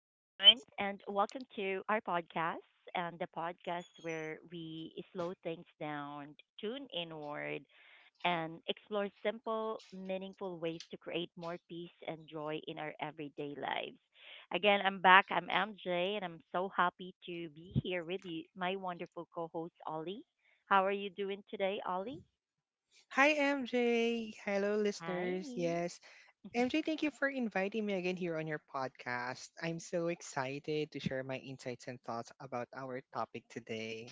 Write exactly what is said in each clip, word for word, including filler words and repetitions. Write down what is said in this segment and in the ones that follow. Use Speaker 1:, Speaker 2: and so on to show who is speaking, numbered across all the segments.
Speaker 1: and welcome to our podcast and the podcast where we slow things down, tune inward, and explore simple, meaningful ways to create more peace and joy in our everyday lives. Again, I'm back. I'm M J, and I'm so happy to be here with you, my wonderful co host, Ollie. How are you doing today, Ollie?
Speaker 2: Hi, M J. Hello, listeners.
Speaker 1: Hi.
Speaker 2: Yes. M J, thank you for inviting me again here on your podcast. I'm so excited to share my insights and thoughts about our topic today.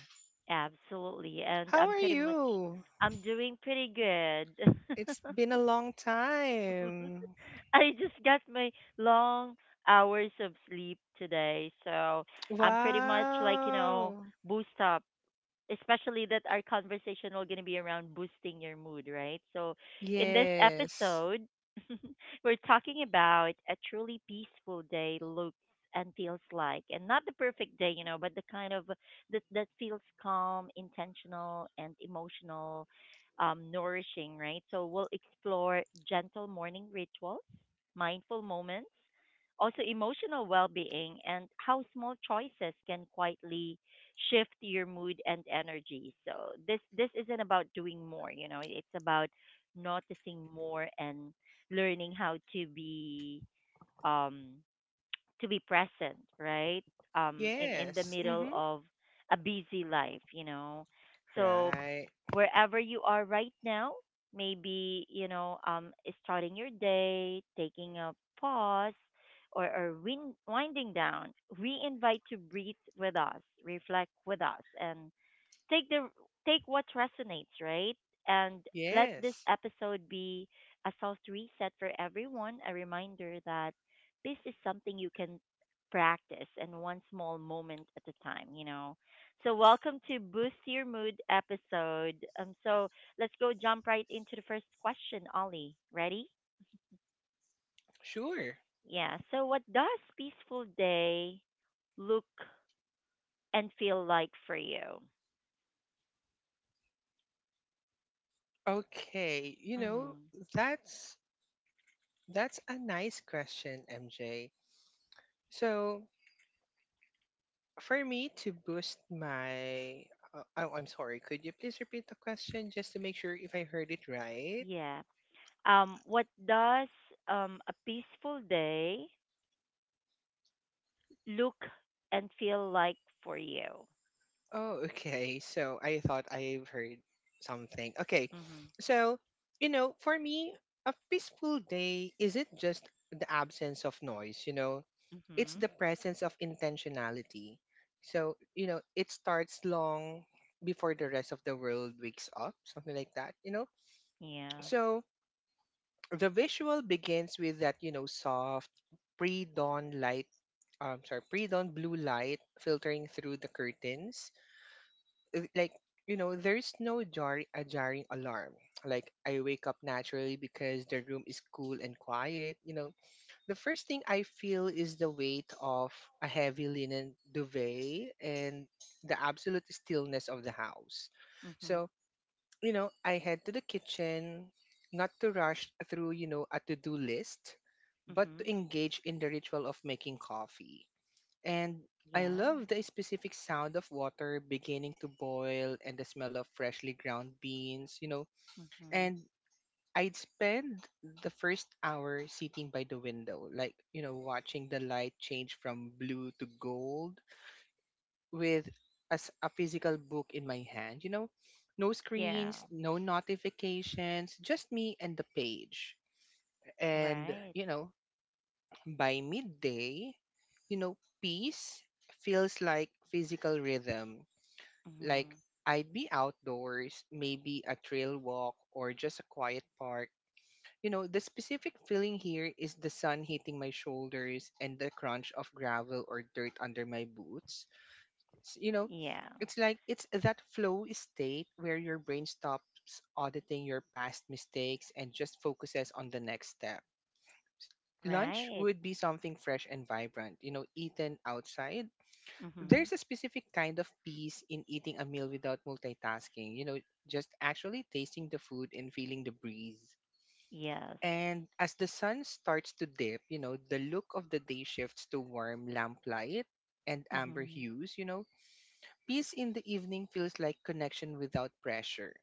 Speaker 1: Absolutely. And
Speaker 2: How
Speaker 1: I'm
Speaker 2: are
Speaker 1: pretty much
Speaker 2: you?
Speaker 1: I'm doing pretty good.
Speaker 2: It's been a long time.
Speaker 1: I just got my long hours of sleep today, so I'm pretty much like, you know,
Speaker 2: Wow.
Speaker 1: boost up, especially that our conversation will gonna be around boosting your mood, right? So in this
Speaker 2: Yes.
Speaker 1: episode, we're talking about a truly peaceful day looks and feels like, and not the perfect day, you know, but the kind of that that feels calm, intentional, and emotional, um, nourishing, right? So we'll explore gentle morning rituals, mindful moments. Also, emotional well being and how small choices can quietly shift your mood and energy. So this this isn't about doing more, you know, it's about noticing more and learning how to be um to be present, right? Um, in in the
Speaker 2: Yes.
Speaker 1: middle
Speaker 2: Mm-hmm.
Speaker 1: of a busy life, you know. So
Speaker 2: Right.
Speaker 1: wherever you are right now, maybe you know, um, starting your day, taking a pause, or or win- winding down, we invite to breathe with us, reflect with us, and take the take what resonates, right? And let this
Speaker 2: Yes.
Speaker 1: episode be a soft reset for everyone, a reminder that this is something you can practice and one small moment at a time, you know. So welcome to Boost Your Mood episode. Um so let's go jump right into the first question, Ollie. Ready?
Speaker 2: Sure.
Speaker 1: Yeah. So what does peaceful day look and feel like for you?
Speaker 2: Okay. You know,
Speaker 1: Mm.
Speaker 2: that's that's a nice question, M J. So, For me to boost my, uh, oh, I'm sorry. Could you please repeat the question just to make sure if I heard it right?
Speaker 1: Um, what does um, A peaceful day look and feel like for you?
Speaker 2: Oh, okay. So I thought I've heard something. Okay.
Speaker 1: Mhm.
Speaker 2: So, you know, for me, a peaceful day isn't just the absence of noise, you know, it's
Speaker 1: Mhm.
Speaker 2: the presence of intentionality. So, you know, it starts long before the rest of the world wakes up, something like that, you know?
Speaker 1: Yeah.
Speaker 2: So, the visual begins with that, you know, soft pre-dawn light um sorry pre-dawn blue light filtering through the curtains. Uh, like, you know, there's no jar a jarring alarm. Like, I wake up naturally because the room is cool and quiet, you know. The first thing I feel is the weight of a heavy linen duvet and the absolute stillness of the house.
Speaker 1: Mhm.
Speaker 2: So, you know, I head to the kitchen, not to rush through, you know, a to do list, but to
Speaker 1: Mhm.
Speaker 2: engage in the ritual of making coffee. And I
Speaker 1: Yeah.
Speaker 2: love the specific sound of water beginning to boil and the smell of freshly ground beans, you know.
Speaker 1: Mhm.
Speaker 2: And I'd spend the first hour sitting by the window, like, you know, watching the light change from blue to gold with as a physical book in my hand, you know, no
Speaker 1: Yeah.
Speaker 2: screens, no notifications, just me and the page. And,
Speaker 1: Right.
Speaker 2: you know, by midday, you know, peace feels like physical rhythm. Like,
Speaker 1: Mhm.
Speaker 2: I'd be outdoors, maybe a trail walk or just a quiet park. You know, the specific feeling here is the sun hitting my shoulders and the crunch of gravel or dirt under my boots. S- you know,
Speaker 1: Yeah.
Speaker 2: it's like it's that flow state where your brain stops auditing your past mistakes and just focuses on the next step. Lunch
Speaker 1: Right.
Speaker 2: would be something fresh and vibrant, you know, eaten outside.
Speaker 1: Mhm.
Speaker 2: There's a specific kind of peace in eating a meal without multitasking, you know, just actually tasting the food and feeling the breeze.
Speaker 1: Yes.
Speaker 2: And as the sun starts to dip, you know, the look of the day shifts to warm lamplight and amber
Speaker 1: Mhm.
Speaker 2: hues, you know. Peace in the evening feels like connection without pressure.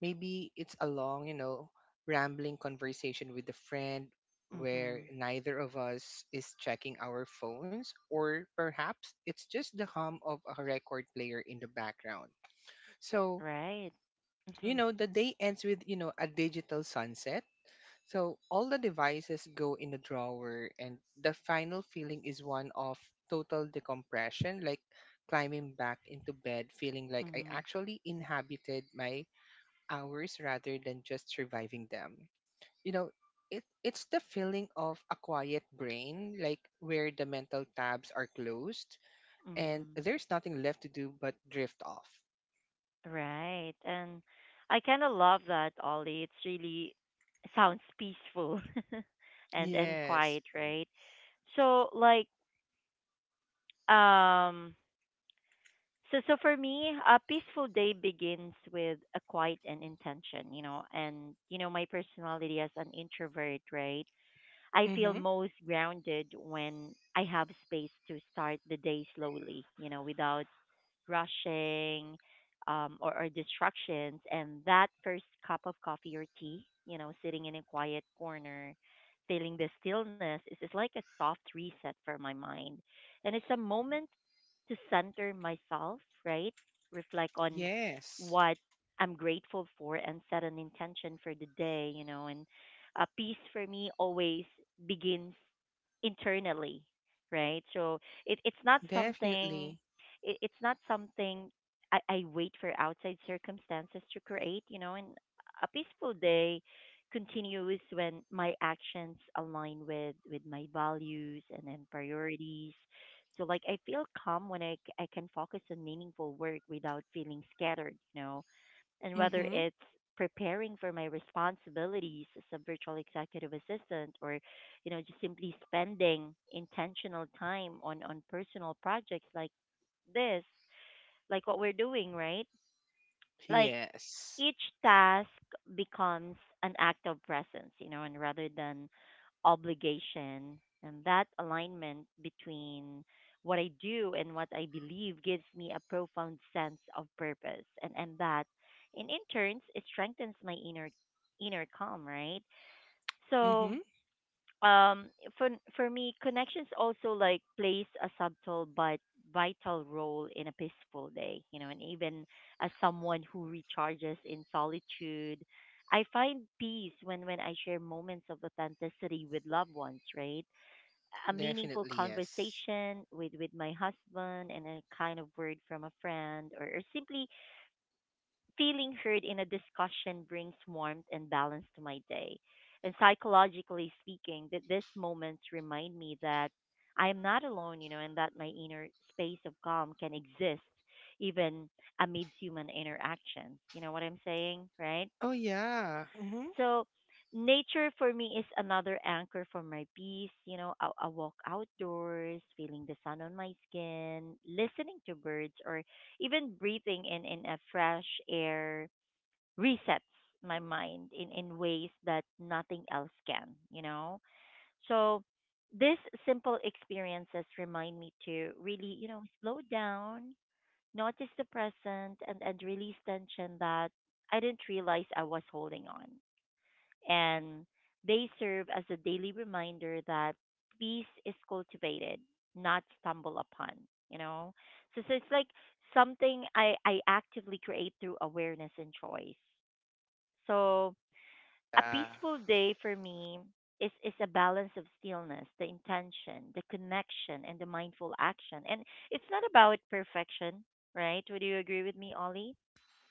Speaker 2: Maybe it's a long, you know, rambling conversation with a friend where
Speaker 1: Mhm.
Speaker 2: neither of us is checking our phones, or perhaps it's just the hum of a record player in the background. So,
Speaker 1: Right.
Speaker 2: you
Speaker 1: Mhm.
Speaker 2: know, the day ends with, you know, a digital sunset. So all the devices go in the drawer, and the final feeling is one of total decompression, like climbing back into bed, feeling like I
Speaker 1: Mhm.
Speaker 2: actually inhabited my hours rather than just surviving them. You know, it, it's the feeling of a quiet brain, like where the mental tabs are closed and
Speaker 1: Mhm.
Speaker 2: there's nothing left to do but drift off.
Speaker 1: Right. And I kind of love that, Ollie. It's really sounds peaceful, and and
Speaker 2: Yes.
Speaker 1: quiet, right? So like um so so for me, a peaceful day begins with a quiet and intention, you know, and you know my personality as an introvert, right? I feel
Speaker 2: Mm-hmm.
Speaker 1: most grounded when I have space to start the day slowly, you know, without rushing, um, or, or distractions. And that first cup of coffee or tea, you know, sitting in a quiet corner, feeling the stillness is, is like a soft reset for my mind. And it's a moment to center myself, right? Reflect on
Speaker 2: Yes.
Speaker 1: what I'm grateful for and set an intention for the day, you know. And uh, peace for me always begins internally, right? So it, it's not something
Speaker 2: Definitely.
Speaker 1: it, it's not something I, I wait for outside circumstances to create, you know, and a peaceful day continues when my actions align with, with my values and then priorities. So like I feel calm when I, c- I can focus on meaningful work without feeling scattered, you know, and whether
Speaker 2: Mm-hmm.
Speaker 1: it's preparing for my responsibilities as a virtual executive assistant or you know just simply spending intentional time on on personal projects like this, like what we're doing, right? Like
Speaker 2: Yes.
Speaker 1: each task becomes an act of presence, you know, and rather than obligation. And that alignment between what I do and what I believe gives me a profound sense of purpose. And, and that, in, in turns, it strengthens my inner, inner calm, right? So,
Speaker 2: Mm-hmm.
Speaker 1: um for for me connections also like plays a subtle but vital role in a peaceful day, you know, and even as someone who recharges in solitude, I find peace when when I share moments of authenticity with loved ones, right? A meaningful
Speaker 2: Definitely yes.
Speaker 1: conversation with with my husband and a kind of word from a friend, or, or simply feeling heard in a discussion brings warmth and balance to my day. And psychologically speaking, that these moments remind me that I am not alone, you know, and that my inner space of calm can exist even amid human interactions. You know what I'm saying, right?
Speaker 2: Oh yeah. Mm-hmm.
Speaker 1: So, nature for me is another anchor for my peace. You know, a, a walk outdoors, feeling the sun on my skin, listening to birds, or even breathing in in a fresh air resets my mind in, in ways that nothing else can, you know? So these simple experiences remind me to really, you know, slow down, notice the present and, and release tension that I didn't realize I was holding on. And they serve as a daily reminder that peace is cultivated, not stumble upon, you know? So, so it's like something I, I actively create through awareness and choice. So a
Speaker 2: Yeah.
Speaker 1: peaceful day for me is is a balance of stillness, the intention, the connection, and the mindful action. And it's not about perfection, right? Would you agree with me, Ollie?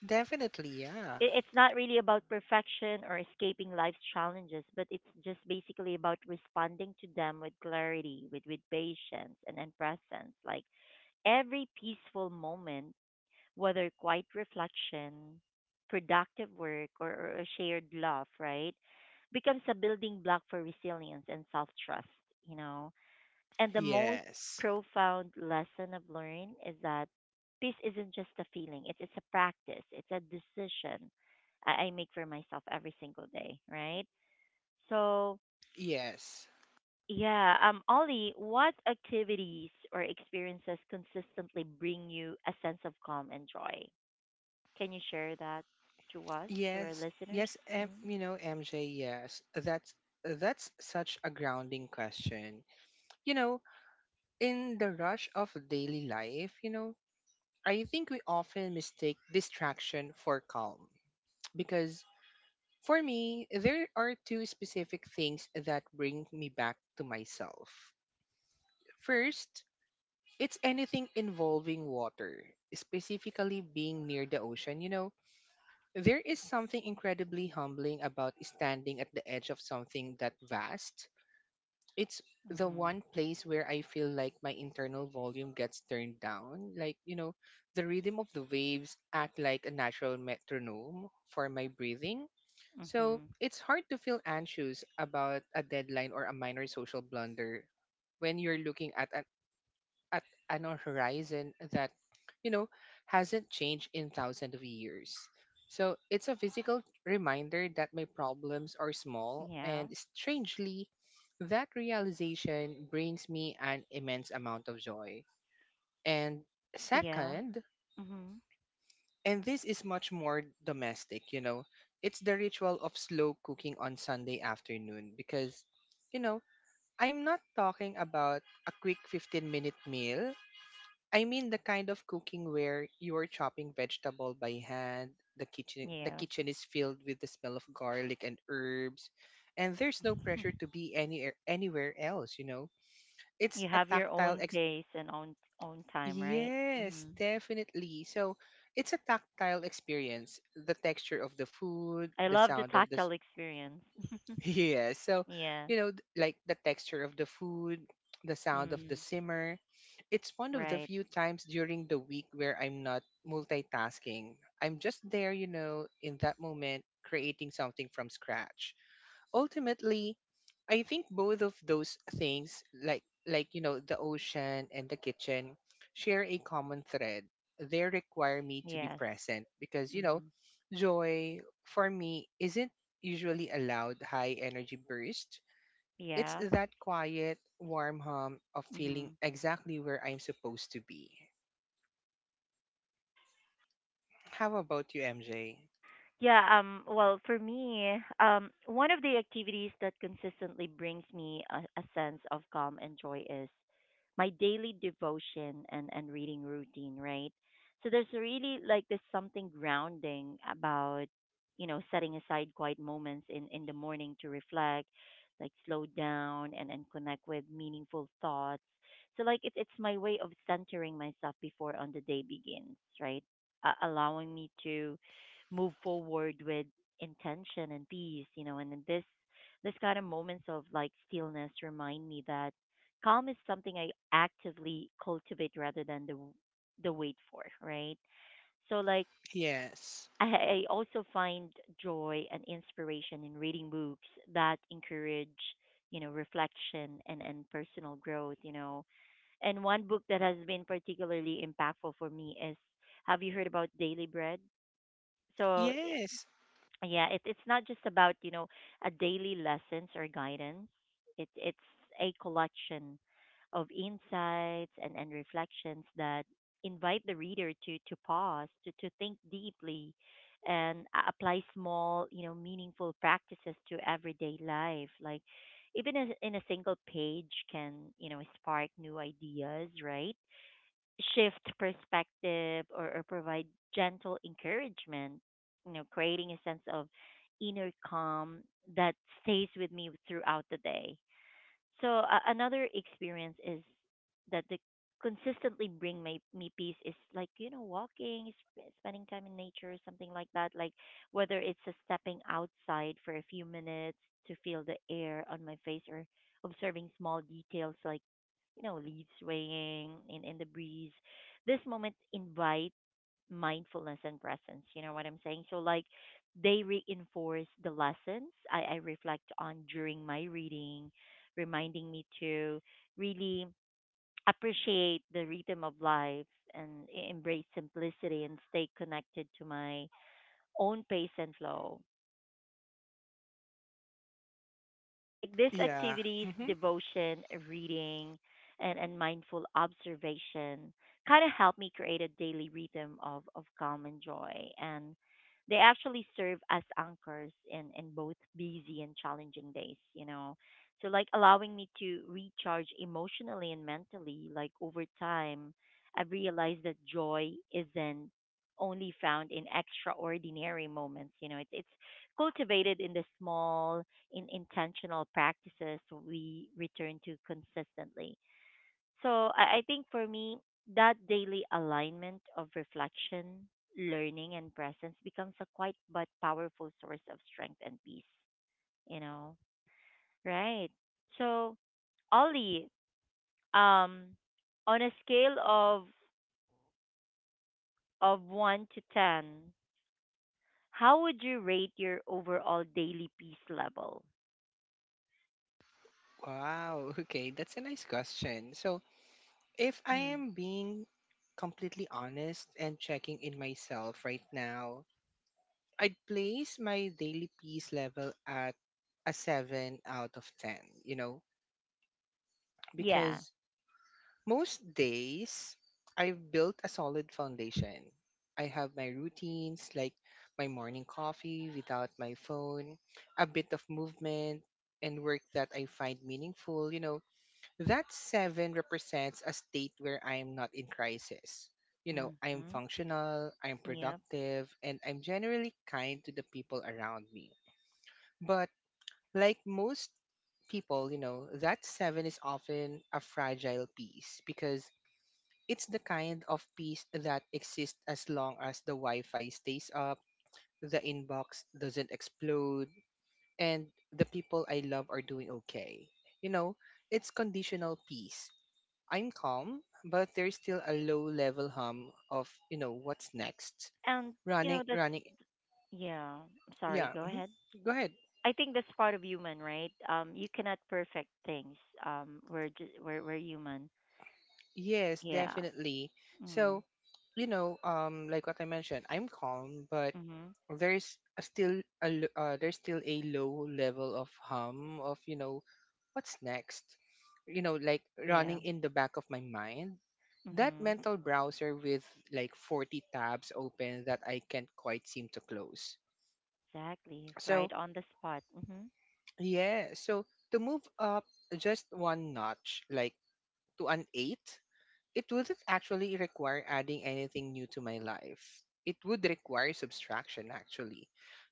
Speaker 2: Definitely yeah.
Speaker 1: It, it's not really about perfection or escaping life's challenges, but it's just basically about responding to them with clarity, with with patience, and, and presence. Like every peaceful moment, whether quiet reflection, productive work, or, or a shared love, right, becomes a building block for resilience and self trust, you know. And the most
Speaker 2: Yes.
Speaker 1: profound lesson I've learned is that peace isn't just a feeling, it's, it's a practice, it's a decision I, I make for myself every single day, right? So,
Speaker 2: Yes.
Speaker 1: yeah, um, Ollie, what activities or experiences consistently bring you a sense of calm and joy? Can you share that to us, to our
Speaker 2: Yes.
Speaker 1: listeners?
Speaker 2: Yes, M-
Speaker 1: Mm,
Speaker 2: you know, M J, yes. That's that's such a grounding question. You know, in the rush of daily life, you know, I think we often mistake distraction for calm because for me, there are two specific things that bring me back to myself. First, it's anything involving water, specifically being near the ocean, you know. There is something incredibly humbling about standing at the edge of something that vast. It's the
Speaker 1: mhm.
Speaker 2: one place where I feel like my internal volume gets turned down. Like, you know, the rhythm of the waves act like a natural metronome for my breathing.
Speaker 1: Mhm.
Speaker 2: So it's hard to feel anxious about a deadline or a minor social blunder when you're looking at an at an horizon that, you know, hasn't changed in thousands of years. So it's a physical reminder that my problems are small,
Speaker 1: Yeah.
Speaker 2: and strangely, that realization brings me an immense amount of joy. And
Speaker 1: Yeah.
Speaker 2: second,
Speaker 1: Mhm.
Speaker 2: and this is much more domestic, you know, it's the ritual of slow cooking on Sunday afternoon. Because, you know, I'm not talking about a quick 15 minute meal. I mean the kind of cooking where you are chopping vegetable by hand, the kitchen the
Speaker 1: Yeah.
Speaker 2: kitchen is filled with the smell of garlic and herbs, and there's no pressure to be any anywhere else, you know. It's
Speaker 1: You
Speaker 2: a
Speaker 1: have your
Speaker 2: tactile
Speaker 1: own
Speaker 2: ex-
Speaker 1: pace and own own time, right?
Speaker 2: Yes,
Speaker 1: Mhm.
Speaker 2: definitely. So, it's a tactile experience. The texture of the food,
Speaker 1: I
Speaker 2: the
Speaker 1: love the
Speaker 2: sound of the
Speaker 1: tactile experience.
Speaker 2: yeah, so
Speaker 1: Yeah.
Speaker 2: You know, th- like the texture of the food, the sound of the
Speaker 1: Mhm.
Speaker 2: simmer. It's one of the
Speaker 1: Right.
Speaker 2: few times during the week where I'm not multitasking. I'm just there, you know, in that moment, creating something from scratch. Ultimately, I think both of those things, like like you know, the ocean and the kitchen, share a common thread. They require me to be
Speaker 1: Yes.
Speaker 2: present because, you know,
Speaker 1: Mhm.
Speaker 2: joy for me isn't usually a loud, high energy burst. It's
Speaker 1: Yeah.
Speaker 2: that quiet, warm hum of feeling
Speaker 1: Mhm.
Speaker 2: exactly where I'm supposed to be. How about you, MJ?
Speaker 1: Yeah, um, well, for me, um, one of the activities that consistently brings me a, a sense of calm and joy is my daily devotion and, and reading routine, right? So there's really like this something grounding about, you know, setting aside quiet moments in, in the morning to reflect, like slow down and, and connect with meaningful thoughts. So like it's it's my way of centering myself before on the day begins, right? Uh, allowing me to move forward with intention and peace, you know, and then this this kind of moments of like stillness remind me that calm is something I actively cultivate rather than the the wait for, right? So like
Speaker 2: Yes.
Speaker 1: I, I also find joy and inspiration in reading books that encourage, you know, reflection and, and personal growth, you know. And one book that has been particularly impactful for me is, have you heard about Daily Bread? So i-
Speaker 2: Yes.
Speaker 1: yeah, it, it's not just about you know a daily lessons or guidance, it, it's a collection of insights and, and reflections that invite the reader to, to pause to, to think deeply and a- apply small you know meaningful practices to everyday life, like even as in a single page can you know spark new ideas, right? Shift perspective, or, or provide gentle encouragement, you know, creating a sense of inner calm that stays with me throughout the day. So, uh, another experience is that the consistently bring my, me peace is like, you know, walking, sp- spending time in nature, something like that. Like, whether it's a stepping outside for a few minutes to feel the air on my face or observing small details like, you know, leaves swaying in, in the breeze. This moment invite mindfulness and presence. You know what I'm saying? So like they reinforce the lessons I, I reflect on during my reading, reminding me to really appreciate the rhythm of life and e- embrace simplicity and stay connected to my own pace and flow. Like these
Speaker 2: Yeah.
Speaker 1: activities,
Speaker 2: Hmm.
Speaker 1: devotion, reading, and, and mindful observation kind of help me create a daily rhythm of, of calm and joy. And they actually serve as anchors in, in both busy and challenging days, you know. So like allowing me to recharge emotionally and mentally, like over time, I've realized that joy isn't only found in extraordinary moments, you know, it's it's cultivated in the small, in intentional practices we return to consistently. So I, I think for me, that daily alignment of reflection, learning, and presence becomes a quite but powerful source of strength and peace, you know? Right. So, Ollie, um, on a scale of of one to ten, how would you rate your overall daily peace level?
Speaker 2: Wow, okay, that's a nice question. So, if I
Speaker 1: Mm.
Speaker 2: am being completely honest and checking in myself right now, I'd place my daily peace level at a seven out of ten, you know,
Speaker 1: Yeah.
Speaker 2: because most days I've built a solid foundation. I have my routines, like my morning coffee without my phone, a bit of movement, and work that I find meaningful, you know. That seven represents a state where I'm not in crisis. You know, I'm
Speaker 1: Mm-hmm.
Speaker 2: functional, I'm
Speaker 1: Yep.
Speaker 2: productive, and I'm generally kind to the people around me. But like most people, you know, that seven is often a fragile piece because it's the kind of piece that exists as long as the Wi Fi stays up, the inbox doesn't explode, and the people I love are doing okay. You know, it's conditional peace. I'm calm, but there's still a low level hum of, you know, what's next.
Speaker 1: and you
Speaker 2: Running,
Speaker 1: know that's
Speaker 2: running.
Speaker 1: yeah I'm sorry,
Speaker 2: Yeah.
Speaker 1: go
Speaker 2: Mhm.
Speaker 1: ahead.
Speaker 2: Go ahead.
Speaker 1: I think that's part of human, right? Um you cannot perfect things. Um we're just we're, we're human.
Speaker 2: Yes,
Speaker 1: Yeah.
Speaker 2: definitely.
Speaker 1: Mm.
Speaker 2: So, you know, um, like what I mentioned, I'm calm, but
Speaker 1: Mhm.
Speaker 2: there's a still a l- uh, there's still a low level of hum of, you know, what's next. You know, like
Speaker 1: Yeah.
Speaker 2: running in the back of my mind. That
Speaker 1: Mhm.
Speaker 2: mental browser with like forty tabs open that I can't quite seem to close.
Speaker 1: Exactly,
Speaker 2: So,
Speaker 1: right on the spot. Mhm.
Speaker 2: yeah, so to move up just one notch, like to an eight, it wouldn't actually require adding anything new to my life. It would require subtraction, actually.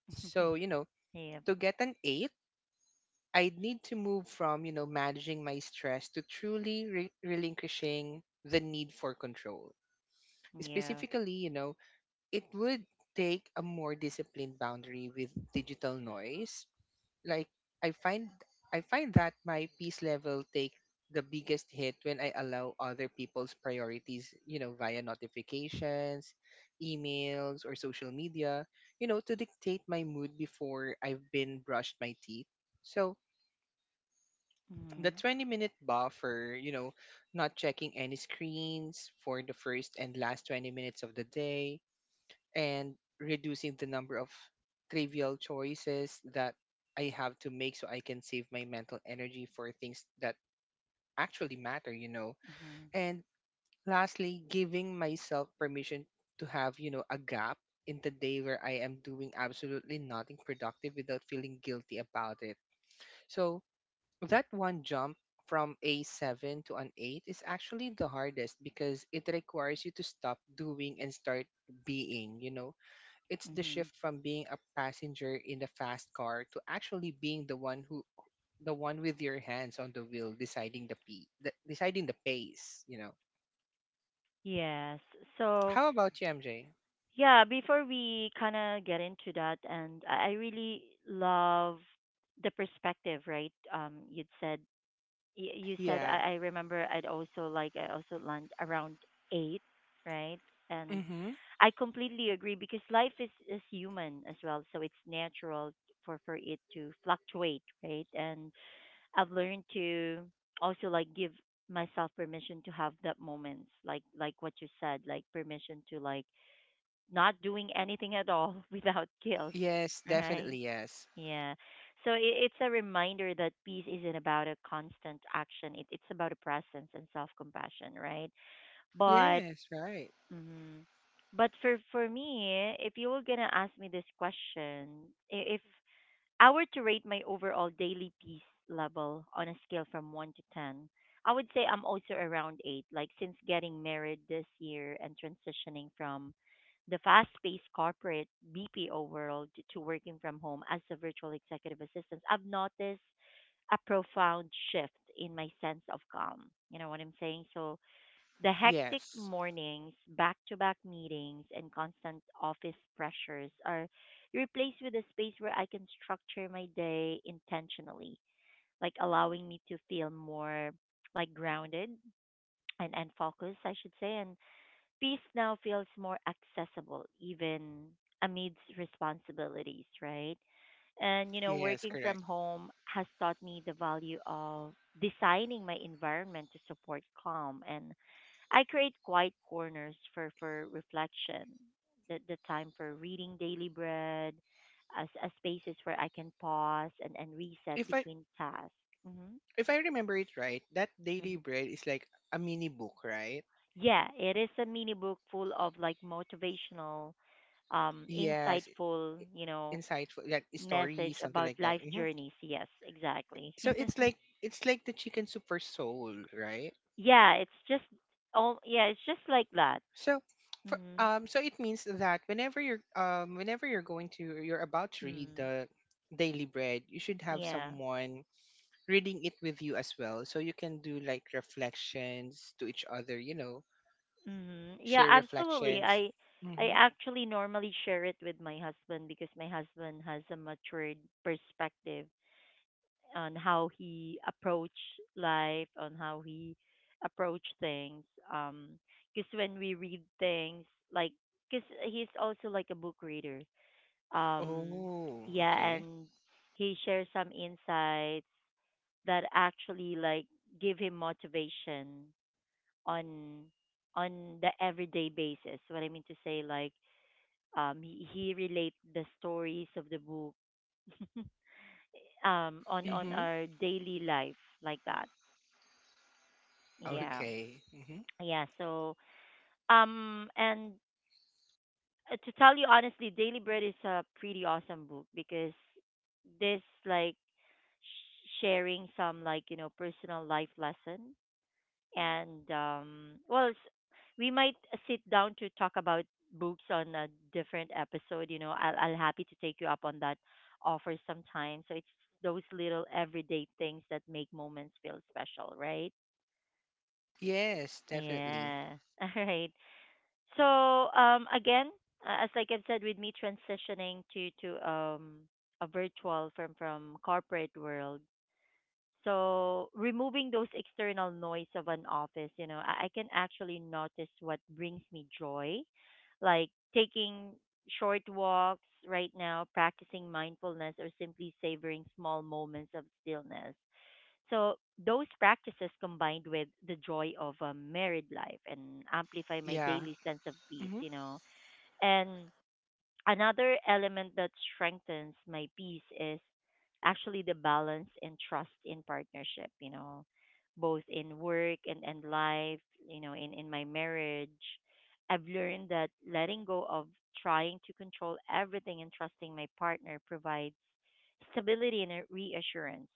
Speaker 2: So, you know,
Speaker 1: Yeah.
Speaker 2: to get an eight, I'd need to move from, you know, managing my stress to truly re- relinquishing the need for control.
Speaker 1: Yeah.
Speaker 2: Specifically, you know, it would take a more disciplined boundary with digital noise. Like, I find I find that my peace level take the biggest hit when I allow other people's priorities, you know, via notifications, emails or social media, you know, to dictate my mood before I've been brushed my teeth. So the
Speaker 1: Mhm.
Speaker 2: 20 minute buffer, you know, not checking any screens for the first and last twenty minutes of the day, and reducing the number of trivial choices that I have to make, so I can save my mental energy for things that actually matter, you know.
Speaker 1: Mhm.
Speaker 2: And lastly, giving myself permission to have, you know, a gap in the day where I am doing absolutely nothing productive without feeling guilty about it. So that one jump from a seven to an eight is actually the hardest because it requires you to stop doing and start being, you know. It's the
Speaker 1: Mhm.
Speaker 2: shift from being a passenger in the fast car to actually being the one who, the one with your hands on the wheel, deciding the p the, deciding the pace, you know.
Speaker 1: Yes. So
Speaker 2: How about you, MJ?
Speaker 1: yeah, before we kind of get into that, and i I really love the perspective, right? Um you'd said, y- you said
Speaker 2: Yeah.
Speaker 1: I, I remember I'd also like I also land around eight, right? And
Speaker 2: Mm-hmm.
Speaker 1: I completely agree because life is, is human as well, so it's natural for for it to fluctuate, right? And I've learned to also like give myself permission to have that moments, like like what you said, like permission to like not doing anything at all without guilt,
Speaker 2: Yes.
Speaker 1: right?
Speaker 2: Definitely yes.
Speaker 1: Yeah. So it, it's a reminder that peace isn't about a constant action. It, it's about a presence and self-compassion, right? But
Speaker 2: Yes. Right.
Speaker 1: mhm. But for for me, if you were gonna ask me this question, i- if I were to rate my overall daily peace level on a scale from one to ten, I would say I'm also around eight. Like, since getting married this year and transitioning from the fast paced corporate B P O world to working from home as a virtual executive assistant, I've noticed a profound shift in my sense of calm. You know what I'm saying? So, the hectic
Speaker 2: Yes.
Speaker 1: mornings, back to back meetings, and constant office pressures are replaced with a space where I can structure my day intentionally, like allowing me to feel more like grounded and, and focused, I should say, and peace now feels more accessible, even amidst responsibilities, right? And, you know,
Speaker 2: Yes.
Speaker 1: working from
Speaker 2: Correct.
Speaker 1: home has taught me the value of designing my environment to support calm. And I create quiet corners for, for reflection, the, the time for reading daily bread, as, as spaces where I can pause and, and reset
Speaker 2: if i
Speaker 1: between tasks. Mm-hmm.
Speaker 2: if i remember it right, that
Speaker 1: Mm-hmm.
Speaker 2: Daily Bread is like a mini book, right?
Speaker 1: Yeah, it is a mini book full of like motivational, um,
Speaker 2: Yes,
Speaker 1: insightful, you know,
Speaker 2: insightful, like story,
Speaker 1: message
Speaker 2: something
Speaker 1: about
Speaker 2: like that.
Speaker 1: life
Speaker 2: Hmm.
Speaker 1: journeys. Yes, exactly.
Speaker 2: So it's like, it's like the chicken soup for soul, right?
Speaker 1: Yeah, it's just all yeah, it's just like that.
Speaker 2: So, for,
Speaker 1: Mhm.
Speaker 2: um, so it means that whenever you're um, whenever you're going to you're about to read
Speaker 1: Mm.
Speaker 2: the Daily Bread, you should have
Speaker 1: Yeah.
Speaker 2: someone reading it with you as well, so you can do like reflections to each other. You know,
Speaker 1: Mhm. Yeah,
Speaker 2: share
Speaker 1: absolutely.
Speaker 2: reflections.
Speaker 1: I I
Speaker 2: Mm-hmm.
Speaker 1: actually normally share it with my husband because my husband has a matured perspective on how he approached life, on how he approached things. Um, because when we read things, like, because he's also like a book reader. Um,
Speaker 2: Oh,
Speaker 1: yeah,
Speaker 2: okay.
Speaker 1: and he shares some insights that actually like give him motivation on on the everyday basis. What I mean to say, like, um, he, he relate the stories of the book um on on
Speaker 2: Mm-hmm.
Speaker 1: our daily life like that. Yeah.
Speaker 2: Okay. Mm-hmm.
Speaker 1: Yeah. So, um, and uh, to tell you honestly, Daily Bread is a pretty awesome book because this, like, sh- sharing some, like, you know, personal life lesson. And, um, well, s we might sit down to talk about books on a different episode. You know, I'll, I'll happy to take you up on that offer sometime. So it's those little everyday things that make moments feel special, right?
Speaker 2: Yes, definitely.
Speaker 1: Yeah. All right. So um, again, uh, as like I've said, with me transitioning to to um, a virtual from from corporate world, so removing those external noise of an office, you know, I, I can actually notice what brings me joy, like taking short walks right now, practicing mindfulness, or simply savoring small moments of stillness. So those practices combined with the joy of a married life and amplify my
Speaker 2: Yeah.
Speaker 1: daily sense of peace,
Speaker 2: Mm-hmm.
Speaker 1: you know. And another element that strengthens my peace is actually the balance and trust in partnership, you know, both in work and, and life, you know, in, in my marriage. I've learned that letting go of trying to control everything and trusting my partner provides stability and a reassurance.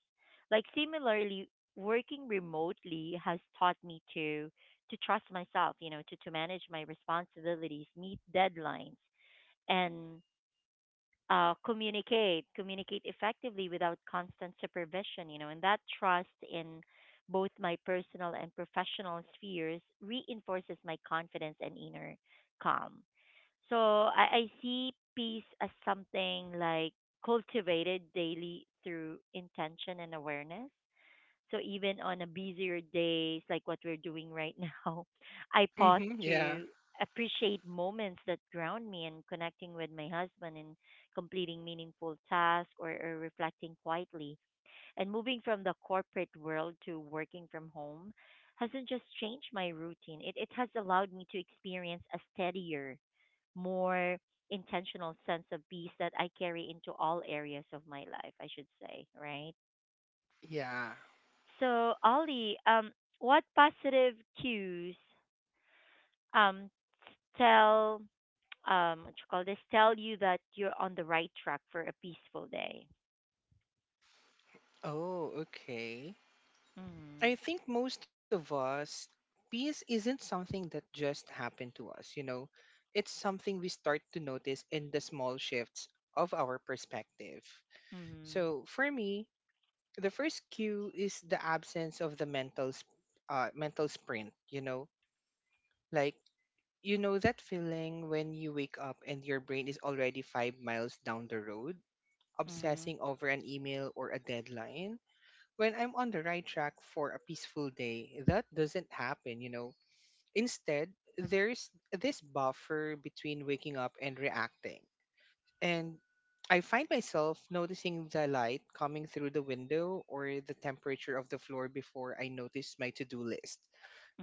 Speaker 1: Like similarly, working remotely has taught me to to trust myself, you know, to, to manage my responsibilities, meet deadlines, and uh, communicate, communicate effectively without constant supervision, you know, and that trust in both my personal and professional spheres reinforces my confidence and inner calm. So I, I see peace as something like cultivated daily through intention and awareness, so even on a busier days like what we're doing right now, I pause
Speaker 2: Mm-hmm. Yeah.
Speaker 1: to appreciate moments that ground me and connecting with my husband and completing meaningful tasks or, or reflecting quietly. And moving from the corporate world to working from home hasn't just changed my routine. It it has allowed me to experience a steadier, more intentional sense of peace that I carry into all areas of my life, I should say, right?
Speaker 2: Yeah.
Speaker 1: So, Ollie, um, what positive cues um, tell um, what you call this tell you that you're on the right track for a peaceful day?
Speaker 2: Oh, okay.
Speaker 1: Mhm.
Speaker 2: I think most of us, peace isn't something that just happened to us, you know. It's something we start to notice in the small shifts of our perspective.
Speaker 1: Mhm.
Speaker 2: So for me, the first cue is the absence of the mental sp- uh, mental sprint, you know. Like, you know that feeling when you wake up and your brain is already five miles down the road,
Speaker 1: Mhm.
Speaker 2: obsessing over an email or a deadline. When I'm on the right track for a peaceful day, that doesn't happen, you know. Instead, there's this buffer between waking up and reacting. And I find myself noticing the light coming through the window or the temperature of the floor before I notice my to do list.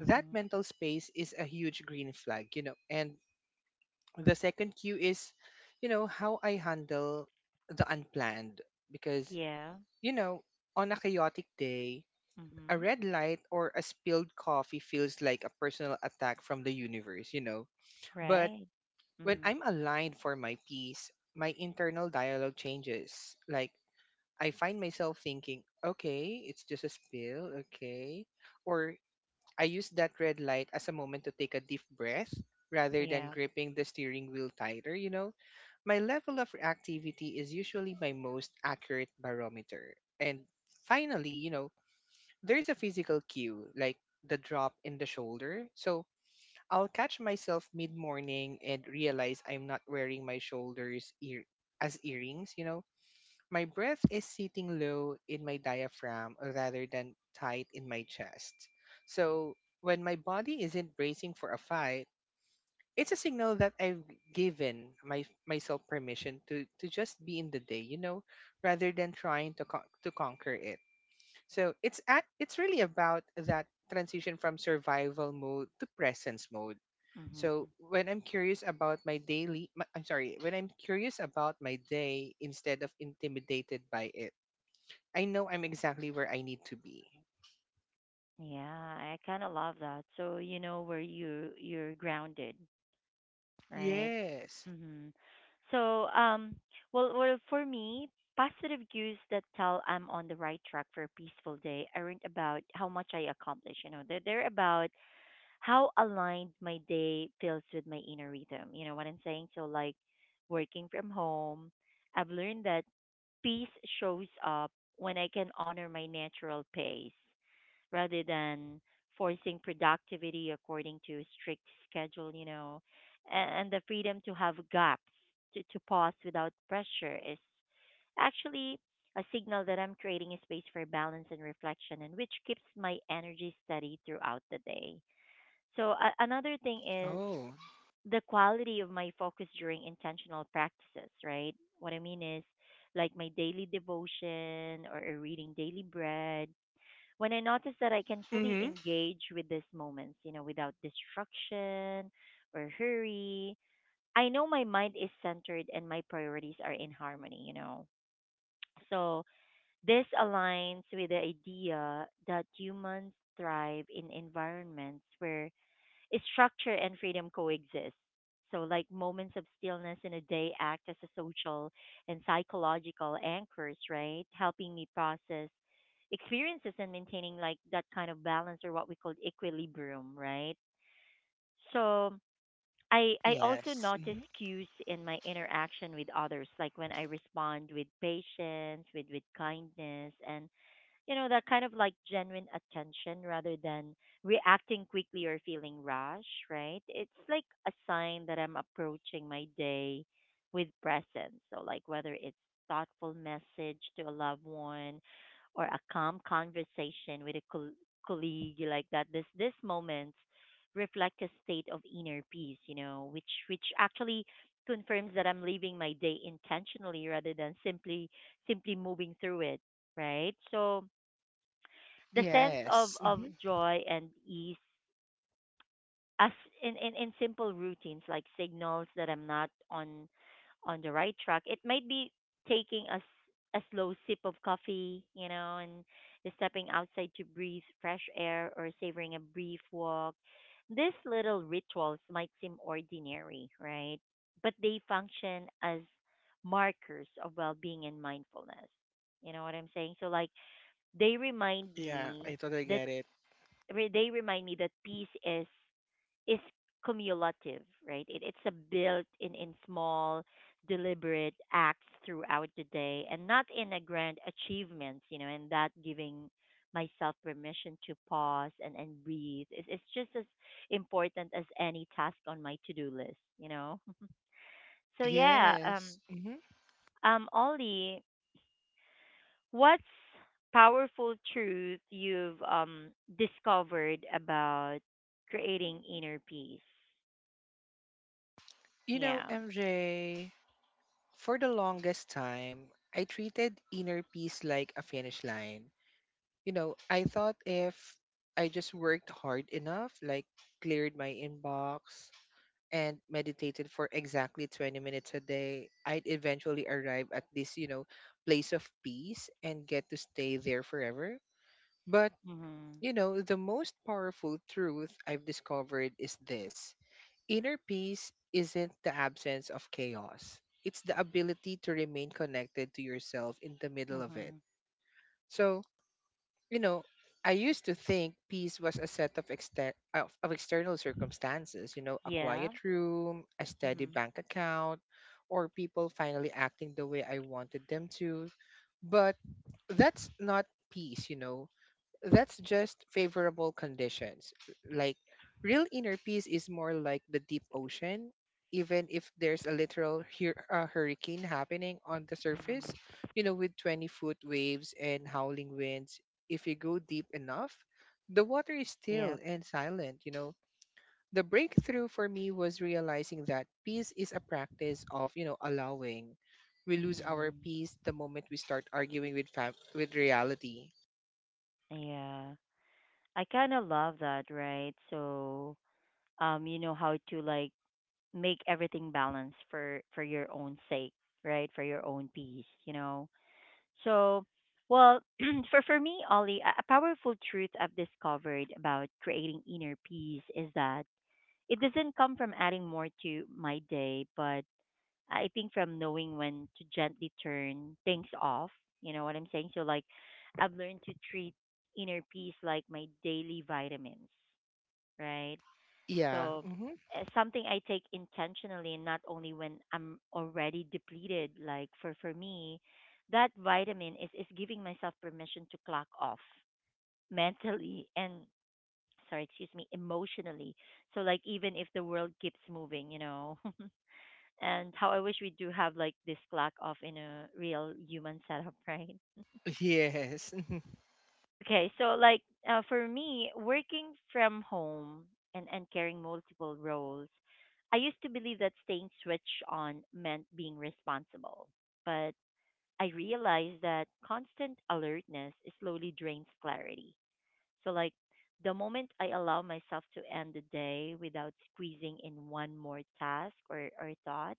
Speaker 2: That mental space is a huge green flag, you know. And the second cue is, you know, how I handle the unplanned. Because,
Speaker 1: Yeah.
Speaker 2: you know, on a chaotic day, a
Speaker 1: Mhm.
Speaker 2: red light or a spilled coffee feels like a personal attack from the universe, you know. But
Speaker 1: Right.
Speaker 2: when
Speaker 1: Mhm.
Speaker 2: I'm aligned for my peace, my internal dialogue changes. Like, I find myself thinking, okay, it's just a spill, okay. Or I use that red light as a moment to take a deep breath rather than
Speaker 1: Yeah.
Speaker 2: gripping the steering wheel tighter, you know. My level of reactivity is usually my most accurate barometer. And finally, you know, there is a physical cue, like the drop in the shoulder. So I'll catch myself mid morning and realize I'm not wearing my shoulders ear- as earrings, you know? My breath is sitting low in my diaphragm rather than tight in my chest. So when my body isn't bracing for a fight, it's a signal that I've given my myself permission to, to just be in the day, you know, rather than trying to con- to conquer it. So it's at it's really about that transition from survival mode to presence mode. So
Speaker 1: Mhm.
Speaker 2: when I'm curious about my daily, my- I'm sorry, when I'm curious about my day instead of intimidated by it, I know I'm exactly where I need to be.
Speaker 1: Yeah, I kind of love that. So you know where you you're grounded. Right.
Speaker 2: Yes.
Speaker 1: Mm-hmm. So, um, well, well, for me, positive cues that tell I'm on the right track for a peaceful day aren't about how much I accomplish. You know, they're they're about how aligned my day feels with my inner rhythm. You know what I'm saying? So, like, working from home, I've learned that peace shows up when I can honor my natural pace rather than forcing productivity according to a strict schedule, you know, and, and the freedom to have gaps, to, to pause without pressure is actually a signal that I'm creating a space for balance and reflection, and which keeps my energy steady throughout the day. So, a another thing is
Speaker 2: Oh.
Speaker 1: the quality of my focus during intentional practices, right? What I mean is like my daily devotion or a reading daily bread. When I notice that I can fully
Speaker 2: Mm-hmm.
Speaker 1: engage with these moments, you know, without distraction or hurry, I know my mind is centered and my priorities are in harmony, you know. So this aligns with the idea that humans thrive in environments where structure and freedom coexist. So, like, moments of stillness in a day act as a social and psychological anchors, right? Helping me process experiences and maintaining like that kind of balance or what we call equilibrium, right? So, I, I also
Speaker 2: Yes.
Speaker 1: notice
Speaker 2: Mm-hmm.
Speaker 1: cues in my interaction with others, like when I respond with patience, with, with kindness, and you know, that kind of like genuine attention rather than reacting quickly or feeling rush, right? It's like a sign that I'm approaching my day with presence. So like whether it's thoughtful message to a loved one or a calm conversation with a col- colleague like that, this this moments reflect a state of inner peace, you know, which which actually confirms that I'm living my day intentionally rather than simply simply moving through it, right? So the sense of
Speaker 2: Yes.
Speaker 1: of
Speaker 2: Mm-hmm.
Speaker 1: joy and ease as in, in in simple routines like signals that I'm not on on the right track. It might be taking a, s- a slow sip of coffee, you know, and stepping outside to breathe fresh air or savoring a brief walk. These little rituals might seem ordinary, right, but they function as markers of well-being and mindfulness, you know what I'm saying? So like they remind
Speaker 2: Yeah,
Speaker 1: me
Speaker 2: I totally
Speaker 1: that
Speaker 2: get it.
Speaker 1: re- they remind me that peace is is cumulative, right? It, it's a built in in small, deliberate acts throughout the day, and not in a grand achievements, you know. And that giving myself permission to pause and and breathe is it's just as important as any task on my to do list, you know. So yeah, um,
Speaker 2: Yes. Mm-hmm.
Speaker 1: um, Ollie. What's powerful truth you've um discovered about creating inner peace?
Speaker 2: You know,
Speaker 1: Yeah.
Speaker 2: M J, for the longest time, I treated inner peace like a finish line. You know, I thought if I just worked hard enough, like cleared my inbox and meditated for exactly twenty minutes a day, I'd eventually arrive at this, you know, place of peace and get to stay there forever. But,
Speaker 1: Mhm.
Speaker 2: you know, the most powerful truth I've discovered is this. Inner peace isn't the absence of chaos, it's the ability to remain connected to yourself in the middle of it.
Speaker 1: Mhm.
Speaker 2: So, you know, I used to think peace was a set of, exter- of, of external circumstances, you know, a
Speaker 1: Yeah.
Speaker 2: quiet room, a steady
Speaker 1: Mhm.
Speaker 2: bank account, or people finally acting the way I wanted them to. But that's not peace, you know that's just favorable conditions. Like real inner peace is more like the deep ocean. Even if there's a literal hur- uh, hurricane happening on the surface, you know, with twenty foot waves and howling winds, if you go deep enough, the water is still
Speaker 1: Yep.
Speaker 2: and silent, you know. The breakthrough for me was realizing that peace is a practice of, you know, allowing. We lose our
Speaker 1: Mhm.
Speaker 2: peace the moment we start arguing with fam- with reality.
Speaker 1: Yeah. I kind of love that, right? So, um you know how to like make everything balanced for for your own sake, right? For your own peace, you know. So, well, for for me, Ollie, a a powerful truth I've discovered about creating inner peace is that it doesn't come from adding more to my day, but I think from knowing when to gently turn things off. You know what I'm saying? So, like, I've learned to treat inner peace like my daily vitamins, right?
Speaker 2: Yeah.
Speaker 1: So
Speaker 2: Mhm.
Speaker 1: uh, something I take intentionally, not only when I'm already depleted. Like for for me, that vitamin is is giving myself permission to clock off mentally and sorry, excuse me, emotionally. So like even if the world keeps moving, you know. And how I wish we do have like this clock off in a real human setup, right?
Speaker 2: Yes. Mhm.
Speaker 1: Okay, so like uh, for me, working from home and, and carrying multiple roles, I used to believe that staying switched on meant being responsible. But I realized that constant alertness slowly drains clarity. So, like, the moment I allow myself to end the day without squeezing in one more task or, or thought,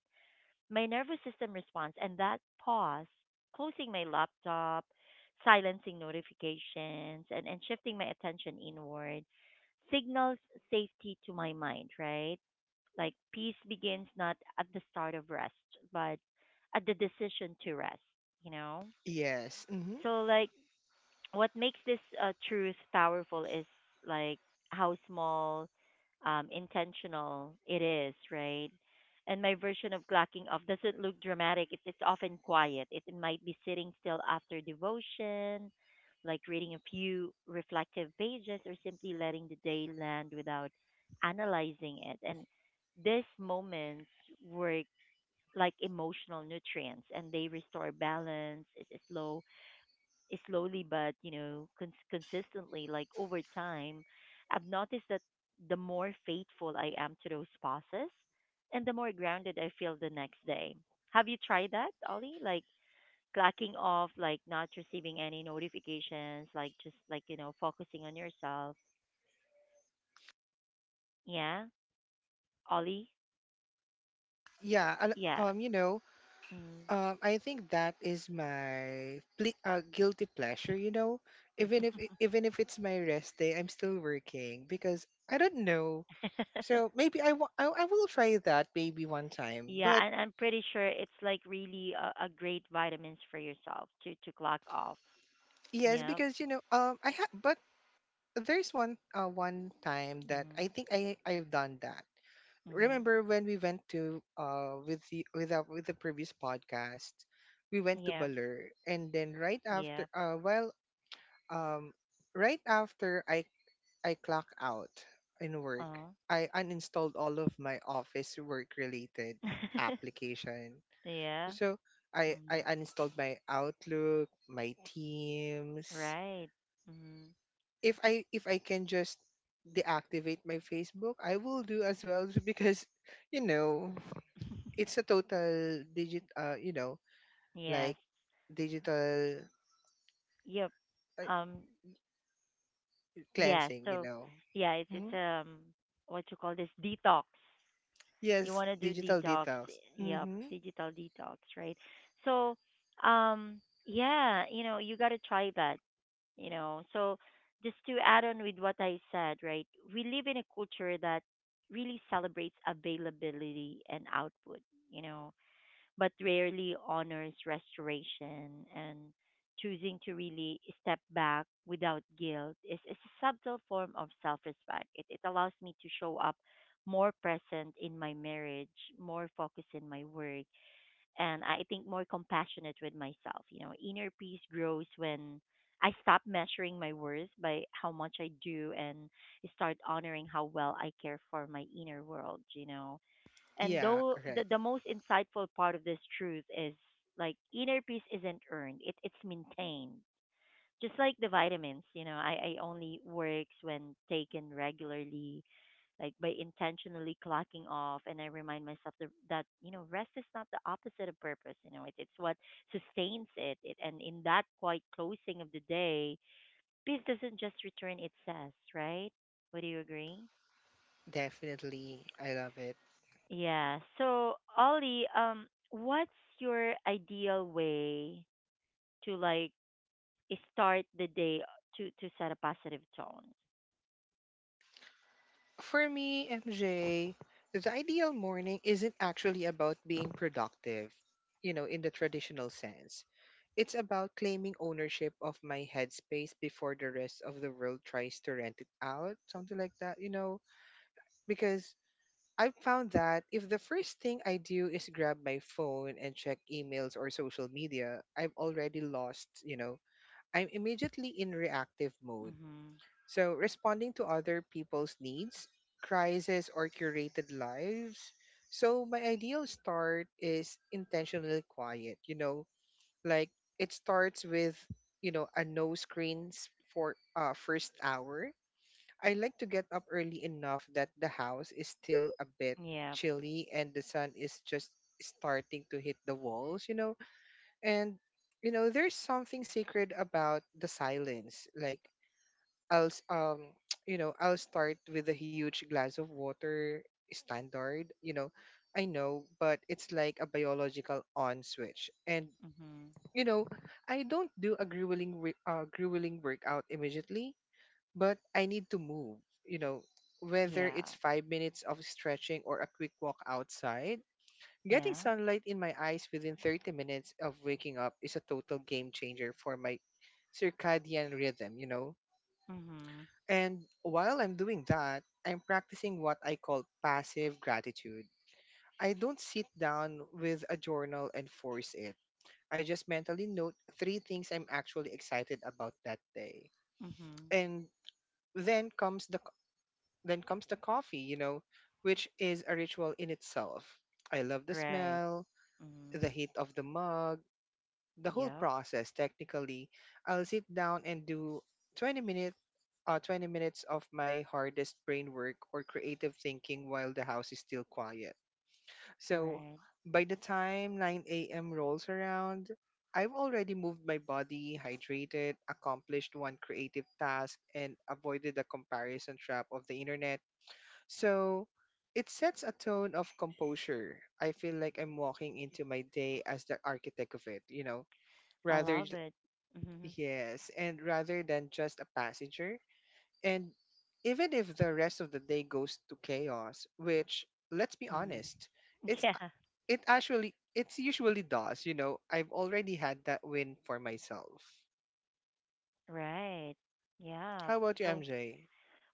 Speaker 1: my nervous system responds, and that pause, closing my laptop, silencing notifications, and, and shifting my attention inward signals safety to my mind, right? Like peace begins not at the start of rest, but at the decision to rest, you know?
Speaker 2: Yes. Hmm.
Speaker 1: So, like, what makes this uh, truth powerful is like how small um, intentional it is, right? And my version of clocking off doesn't look dramatic. It, it's often quiet. It, it might be sitting still after devotion, like reading a few reflective pages or simply letting the day land without analyzing it. And these moments work like emotional nutrients, and they restore balance. It's slow slowly but, you know, cons- consistently, like over time, I've noticed that the more faithful I am to those pauses, and the more grounded I feel the next day. Have you tried that, Ollie? Like clacking off, like not receiving any notifications, like just, like, you know, focusing on yourself. Yeah, Ollie.
Speaker 2: Yeah. and,
Speaker 1: Yeah.
Speaker 2: Um. You know.
Speaker 1: Mm.
Speaker 2: Um. I think that is my ple- uh, guilty pleasure. You know, even if i- even if it's my rest day, I'm still working because I don't know. So maybe I wa- I I will try that maybe one time.
Speaker 1: Yeah,
Speaker 2: But
Speaker 1: and I'm pretty sure it's like really a, a great vitamins for yourself to to clock off.
Speaker 2: yes,
Speaker 1: Yeah.
Speaker 2: because you know. Um. I had. But there's one. Uh. One time that I
Speaker 1: Mm-hmm.
Speaker 2: think I I've done that.
Speaker 1: Mhm.
Speaker 2: Remember when we went to uh with the with the, with the previous podcast, we went to
Speaker 1: Yeah.
Speaker 2: Balur, and then right
Speaker 1: Yeah.
Speaker 2: after uh well um right after I I clock out in work.
Speaker 1: Uh-huh.
Speaker 2: I uninstalled all of my office work related application.
Speaker 1: Yeah.
Speaker 2: So I I
Speaker 1: Mhm.
Speaker 2: uninstalled my Outlook, my Teams.
Speaker 1: Right. Mhm.
Speaker 2: If I if I can just deactivate my Facebook, I will do as well because you know it's a total digit uh you know
Speaker 1: Yes.
Speaker 2: like digital
Speaker 1: Yep.
Speaker 2: uh,
Speaker 1: Um. Yeah.
Speaker 2: cleansing, you
Speaker 1: So,
Speaker 2: know
Speaker 1: yeah, it's
Speaker 2: hmm.
Speaker 1: it's um, what you call this, detox.
Speaker 2: Yes,
Speaker 1: You want to do
Speaker 2: digital
Speaker 1: detox.
Speaker 2: detox.
Speaker 1: Yep.
Speaker 2: Hmm.
Speaker 1: Digital detox. Right. So, um. Yeah. You know, you got to try that. You know. So, just to add on with what I said, right? We live in a culture that really celebrates availability and output, you know, but rarely honors restoration. And choosing to really step back without guilt is, is a subtle form of self-respect. It, it allows me to show up more present in my marriage, more focused in my work, and I think more compassionate with myself. You know, inner peace grows when I stop measuring my worth by how much I do, and start honoring how well I care for my inner world, you know. And
Speaker 2: Yeah,
Speaker 1: though the,
Speaker 2: correct.
Speaker 1: the most insightful part of this truth is like inner peace isn't earned, it, it's maintained. Just like the vitamins, you know, I, I only works when taken regularly, like by intentionally clocking off. And I remind myself that, that you know, rest is not the opposite of purpose. You know, it, it's what sustains it. it. And in that quiet closing of the day, peace doesn't just return itself, right? Would you agree?
Speaker 2: Definitely, I love it.
Speaker 1: Yeah. So, Ollie, um, what's your ideal way to like start the day to to set a positive tone?
Speaker 2: For me, MJ, the ideal morning isn't actually about being productive you know in the traditional sense. It's about claiming ownership of my headspace before the rest of the world tries to rent it out, something like that you know because I've found that if the first thing I do is grab my phone and check emails or social media, I'm already lost, you know. I'm immediately in reactive mode.
Speaker 1: Mm-hmm.
Speaker 2: So, responding to other people's needs, crises, or curated lives. So, my ideal start is intentionally quiet, you know, like it starts with, you know, a no screens for uh, first hour. I like to get up early enough that the house is still a bit
Speaker 1: Yeah.
Speaker 2: chilly and the sun is just starting to hit the walls, you know? And you know, there's something sacred about the silence. Like I'll s- um you know, I'll start with a huge glass of water, standard, you know. I know, but it's like a biological on switch. And
Speaker 1: Mhm.
Speaker 2: you know, I don't do a grueling, re- uh, grueling workout immediately, but I need to move, you know, whether
Speaker 1: Yeah.
Speaker 2: it's five minutes of stretching or a quick walk outside. Getting
Speaker 1: Yeah.
Speaker 2: sunlight in my eyes within thirty minutes of waking up is a total game changer for my circadian rhythm, you know.
Speaker 1: Mhm.
Speaker 2: And while I'm doing that, I'm practicing what I call passive gratitude. I don't sit down with a journal and force it. I just mentally note three things I'm actually excited about that day.
Speaker 1: Mhm.
Speaker 2: And then comes the Then comes the coffee, you know, which is a ritual in itself. I love the
Speaker 1: Right.
Speaker 2: smell, the
Speaker 1: Mhm.
Speaker 2: heat of the mug, the whole
Speaker 1: Yep.
Speaker 2: process technically. I'll sit down and do twenty minute uh, twenty minutes of my hardest brain work or creative thinking while the house is still quiet. So
Speaker 1: Right.
Speaker 2: by the time nine a m rolls around, I've already moved my body, hydrated, accomplished one creative task, and avoided the comparison trap of the internet, so it sets a tone of composure. I feel like I'm walking into my day as the architect of it, you know,
Speaker 1: I
Speaker 2: rather, j-
Speaker 1: love it. Mhm.
Speaker 2: yes, and rather than just a passenger. And even if the rest of the day goes to chaos, which, let's be
Speaker 1: Mhm.
Speaker 2: honest, it's
Speaker 1: Yeah.
Speaker 2: it actually it's usually does you know i've already had that win for myself.
Speaker 1: Right. Yeah.
Speaker 2: How about you,
Speaker 1: So,
Speaker 2: MJ?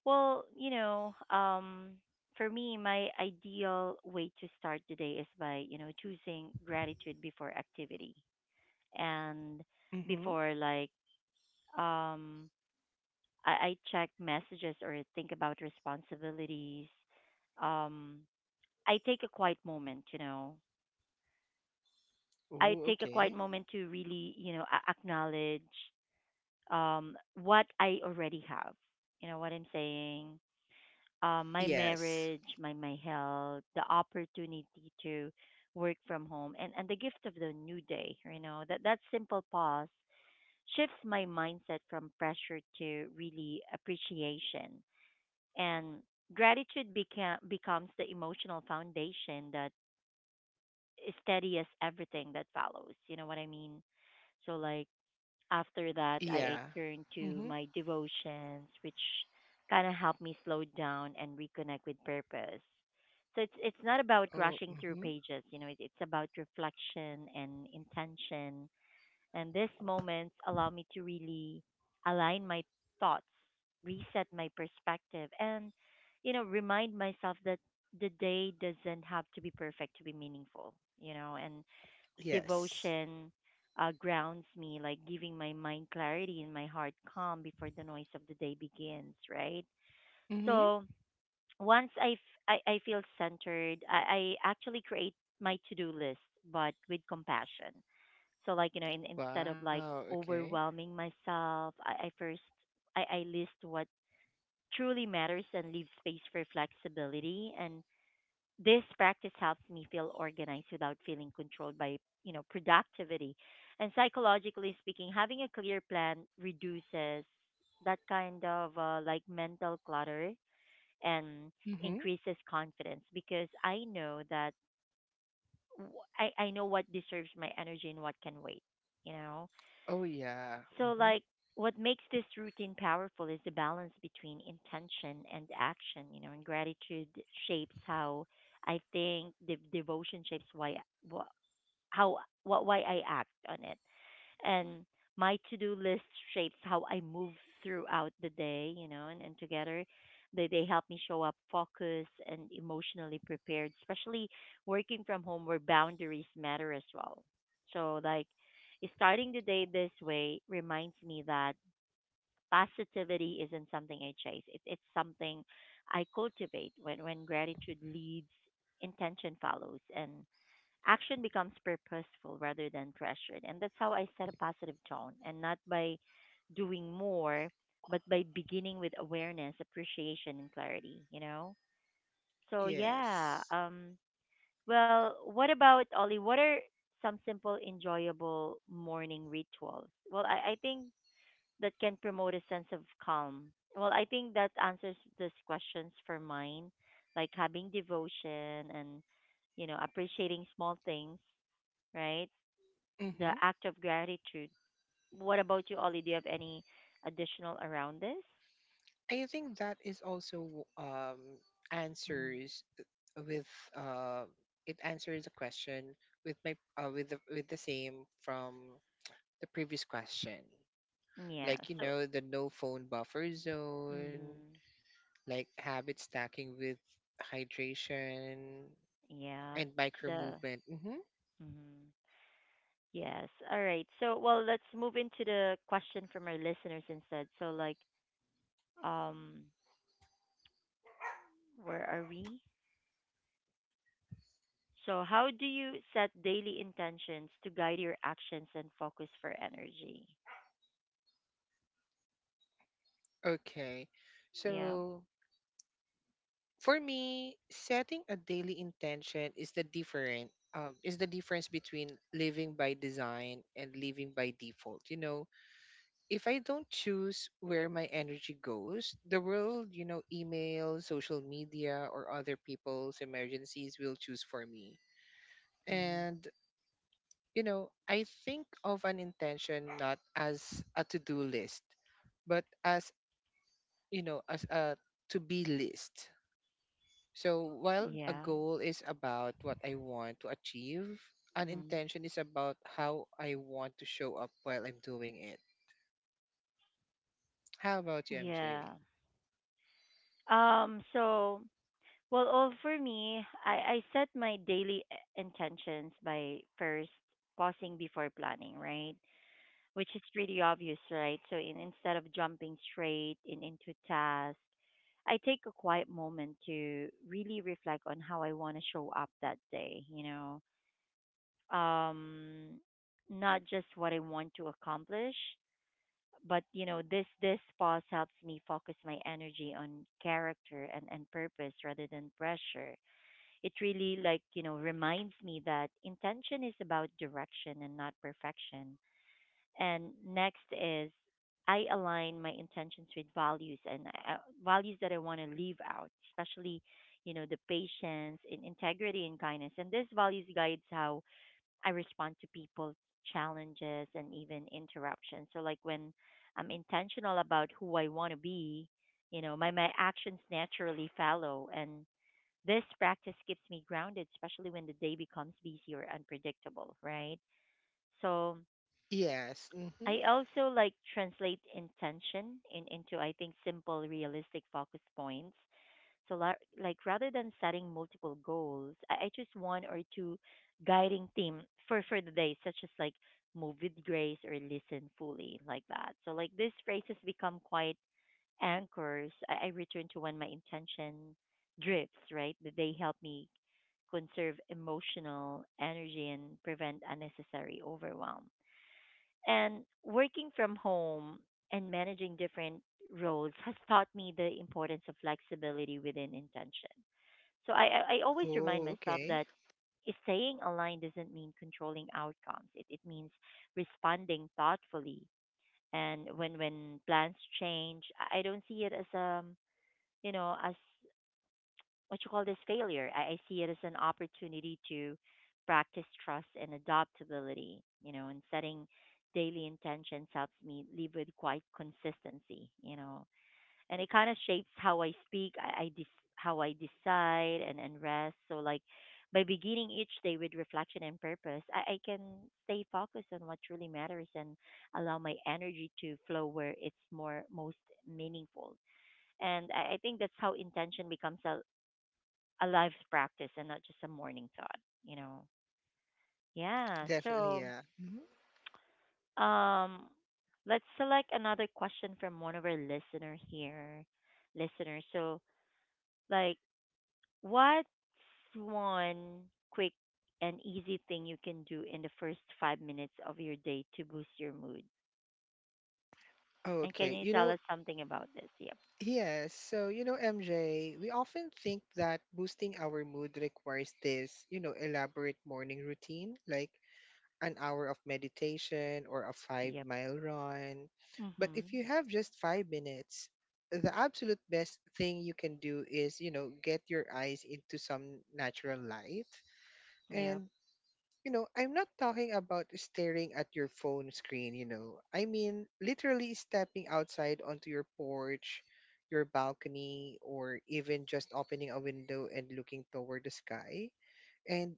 Speaker 1: well, you know, um, for me, my ideal way to start the day is by, you know, choosing gratitude before activity, and
Speaker 2: Mm-hmm.
Speaker 1: before, like, um, I, I check messages or think about responsibilities. Um, I take a quiet moment, you know. I
Speaker 2: Oh,
Speaker 1: take a quiet
Speaker 2: okay.
Speaker 1: moment to really, you know, a- acknowledge um, what I already have. You know what I'm saying? Um, my
Speaker 2: Yes.
Speaker 1: marriage, my my health, the opportunity to work from home, and and the gift of the new day. You know, that that simple pause shifts my mindset from pressure to really appreciation. And gratitude became becomes the emotional foundation that steadies everything that follows, you know what I mean? So, like, after that, i, I
Speaker 2: Yeah.
Speaker 1: turned to
Speaker 2: Mm-hmm.
Speaker 1: my devotions, which kind of helped me slow down and reconnect with purpose. So it's it's not about
Speaker 2: Oh.
Speaker 1: rushing through
Speaker 2: Mhm.
Speaker 1: pages, you know, it, it's about reflection and intention. And these moments allow me to really align my thoughts, reset my perspective, and, you know, remind myself that the day doesn't have to be perfect to be meaningful, you know. And
Speaker 2: Yes.
Speaker 1: devotion uh, grounds me, like giving my mind clarity and my heart calm before the noise of the day begins, right?
Speaker 2: Mm-hmm.
Speaker 1: So, once I, f- I, I feel centered, I, I actually create my to do list, but with compassion. So, like, you know, in, instead of like
Speaker 2: Wow. Okay.
Speaker 1: overwhelming myself, I, I first I, I list what truly matters and leave space for flexibility. And this practice helps me feel organized without feeling controlled by, you know, productivity. And psychologically speaking, having a clear plan reduces that kind of uh, like mental clutter, and
Speaker 2: Mm-hmm.
Speaker 1: increases confidence because I know that w- I, I know what deserves my energy and what can wait, you know?
Speaker 2: Oh yeah.
Speaker 1: So,
Speaker 2: Hmm.
Speaker 1: like, what makes this routine powerful is the balance between intention and action, you know. And gratitude shapes how I think, the devotion shapes why, wh- how, what, why I act on it, and my to-do list shapes how I move throughout the day, you know. and, and together they, they help me show up focused and emotionally prepared, especially working from home where boundaries matter as well. So, like, starting the day this way reminds me that positivity isn't something I chase. It, it's something I cultivate. when, when gratitude leads, intention follows, and action becomes purposeful rather than pressured. And that's how I set a positive tone, and not by doing more, but by beginning with awareness, appreciation, and clarity, you know? So, yeah.
Speaker 2: Yes.
Speaker 1: Um, well, what about Ollie? What are some simple, enjoyable morning rituals? Well, I, I think that can promote a sense of calm. Well, I think that answers these questions for mine, like having devotion, and, you know, appreciating small things, right? The
Speaker 2: Mm-hmm.
Speaker 1: act of gratitude. What about you, Ollie? Do you have any additional around this?
Speaker 2: I think that is also um
Speaker 1: Mhm.
Speaker 2: answers uh, with uh it answers the question with my uh, with the with the same from the previous question.
Speaker 1: Yeah.
Speaker 2: Like, you
Speaker 1: So,
Speaker 2: know the no phone buffer zone,
Speaker 1: mm-hmm.
Speaker 2: like habit stacking with hydration
Speaker 1: Yeah.
Speaker 2: and micro
Speaker 1: The
Speaker 2: movement. Hmm.
Speaker 1: mm-hmm. Yes. All right. So, well, let's move into the question from our listeners instead. So, like, um, where are we? So, how do you set daily intentions to guide your actions and focus for energy?
Speaker 2: Okay,
Speaker 1: Yeah.
Speaker 2: so for me, setting a daily intention is the different um, is the difference between living by design and living by default. You know, if I don't choose where my energy goes, the world, you know, email, social media, or other people's emergencies will choose for me.
Speaker 1: Mhm.
Speaker 2: And you know, I think of an intention not as a to-do list, but as you know, as a to-be list. So while a
Speaker 1: Yeah.
Speaker 2: goal is about what I want to achieve, an
Speaker 1: Mm-hmm.
Speaker 2: intention is about how I want to show up while I'm doing it. How about you, M J?
Speaker 1: Yeah. Um. So, well, oh, for me, I, I set my daily i- intentions by first pausing before planning, right? Which is pretty obvious, right? So, in, instead of jumping straight in, into tasks, I take a quiet moment to really reflect on how I want to show up that day, you know? Um, not just what I want to accomplish, but, you know, this this pause helps me focus my energy on character and, and purpose rather than pressure. It really, like, you know, reminds me that intention is about direction and not perfection. And next is, I align my intentions with values and uh, values that I want to leave out, especially, you know, the patience in integrity and kindness. And this values guides how I respond to people's challenges and even interruptions. So, like, when I'm intentional about who I want to be, you know, my my actions naturally follow. And this practice keeps me grounded, especially when the day becomes busy or unpredictable, right? So
Speaker 2: Yes. Mm-hmm.
Speaker 1: I also like translate intention in, into, I think, simple, realistic focus points. So, la- like, rather than setting multiple goals, I, I choose one or two guiding theme for for the day, such as like move with grace or listen fully, like that. So, like, these phrases become quite anchors, I, I return to when my intention drifts, right? That they help me conserve emotional energy and prevent unnecessary overwhelm. And working from home and managing different roles has taught me the importance of flexibility within intention. So I, I I always remind
Speaker 2: Oh,
Speaker 1: myself
Speaker 2: okay.
Speaker 1: that staying aligned doesn't mean controlling outcomes. It, it means responding thoughtfully. And when, when plans change, I I don't see it as a, you know, as what you call this failure. I, I see it as an opportunity to practice trust and adaptability, you know. And setting daily intentions helps me live with quite consistency, you know. And it kind of shapes how I speak, I, I dis- how I decide and, and rest. So, like, by beginning each day with reflection and purpose, I, I can stay focused on what truly matters and allow my energy to flow where it's more most meaningful. And I, I think that's how intention becomes a, a life practice and not just a morning thought, you know? Yeah.
Speaker 2: Definitely,
Speaker 1: So,
Speaker 2: yeah. Hmm.
Speaker 1: um, let's select another question from one of our listener here, listeners. So, like, what's one quick and easy thing you can do in the first five minutes of your day to boost your mood? And can
Speaker 2: Okay.
Speaker 1: you
Speaker 2: You
Speaker 1: tell
Speaker 2: know,
Speaker 1: us something about this? Yep.
Speaker 2: yes. So, you know, M J, we often think that boosting our mood requires this, you know, elaborate morning routine, like an hour of meditation or a five
Speaker 1: Yep.
Speaker 2: mile run. But if
Speaker 1: Mhm.
Speaker 2: you have just five minutes, the absolute best thing you can do is, you know, get your eyes into some natural light.
Speaker 1: Yep.
Speaker 2: And, you know, I'm not talking about staring at your phone screen, you know, I mean literally stepping outside onto your porch, your balcony, or even just opening a window and looking toward the sky. And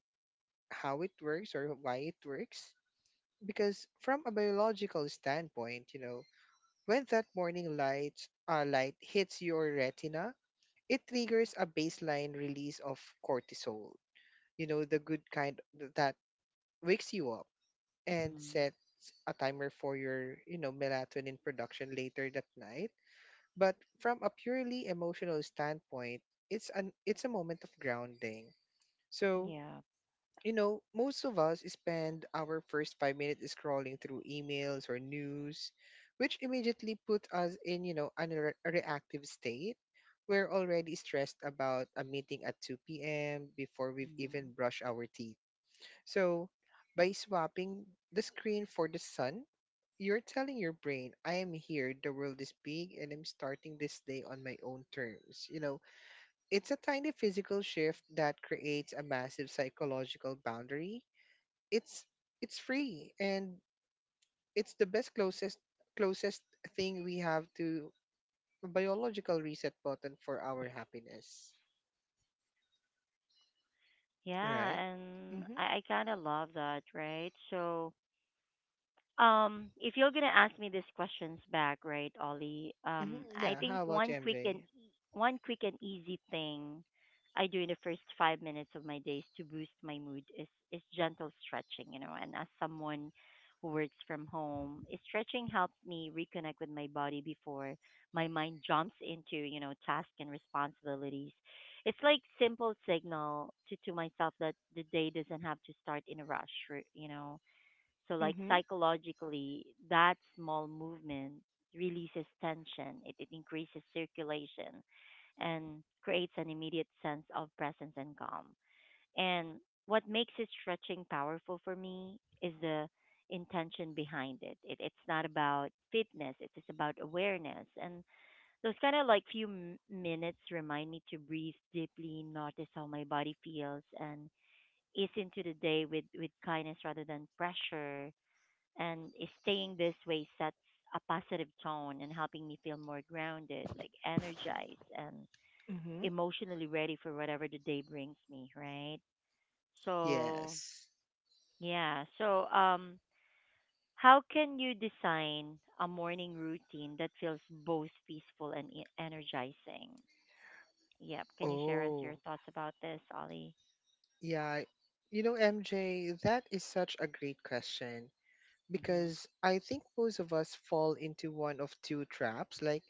Speaker 2: how it works or why it works, because from a biological standpoint, you know, when that morning light uh, light hits your retina, it triggers a baseline release of cortisol. You know, the good kind th- that wakes you up and
Speaker 1: Mhm.
Speaker 2: sets a timer for your, you know, melatonin production later that night. But from a purely emotional standpoint, it's an it's a moment of grounding. So
Speaker 1: Yep.
Speaker 2: you know, most of us spend our first five minutes scrolling through emails or news, which immediately put us in, you know, an re- a reactive state. We're already stressed about a meeting at two p m before we've
Speaker 1: Mhm.
Speaker 2: even brushed our teeth. So, by swapping the screen for the sun, you're telling your brain, I am here, the world is big, and I'm starting this day on my own terms. You know, it's a tiny physical shift that creates a massive psychological boundary it's it's free, and it's the best closest closest thing we have to a biological reset button for our happiness.
Speaker 1: Yeah,
Speaker 2: Right.
Speaker 1: and
Speaker 2: Mm-hmm,
Speaker 1: I, I kind of love that, right? So, um, if you're gonna ask me these questions back, right, Ollie?
Speaker 2: mm-hmm.
Speaker 1: Um, I
Speaker 2: Yeah,
Speaker 1: think
Speaker 2: how about
Speaker 1: one
Speaker 2: you,
Speaker 1: quick and
Speaker 2: MJ?
Speaker 1: e- one quick and easy thing I do in the first five minutes of my days to boost my mood is is gentle stretching. You know, and as someone who works from home, eh, stretching helps me reconnect with my body before my mind jumps into, you know, tasks and responsibilities. It's like simple signal to to myself that the day doesn't have to start in a rush. r- You know, so, like,
Speaker 2: Mm-hmm,
Speaker 1: psychologically, that small movement releases tension, it, it increases circulation, and creates an immediate sense of presence and calm. And what makes it stretching powerful for me is the intention behind it. it It's not about fitness, it's just about awareness. And those kind of like few m- minutes remind me to breathe deeply, notice how my body feels, and ease into the day with, with kindness rather than pressure and is staying this way sets a positive tone and helping me feel more grounded, like energized and
Speaker 2: mm-hmm.
Speaker 1: emotionally ready for whatever the day brings me, right? So,
Speaker 2: Yes.
Speaker 1: yeah. So, um how can you design a morning routine that feels both peaceful and e- energizing? Yep. Can you share us your
Speaker 2: Oh,
Speaker 1: thoughts about this, Ollie?
Speaker 2: yeah, you know MJ, that is such a great question,
Speaker 1: Mhm.
Speaker 2: because I think most of us fall into one of two traps. Like,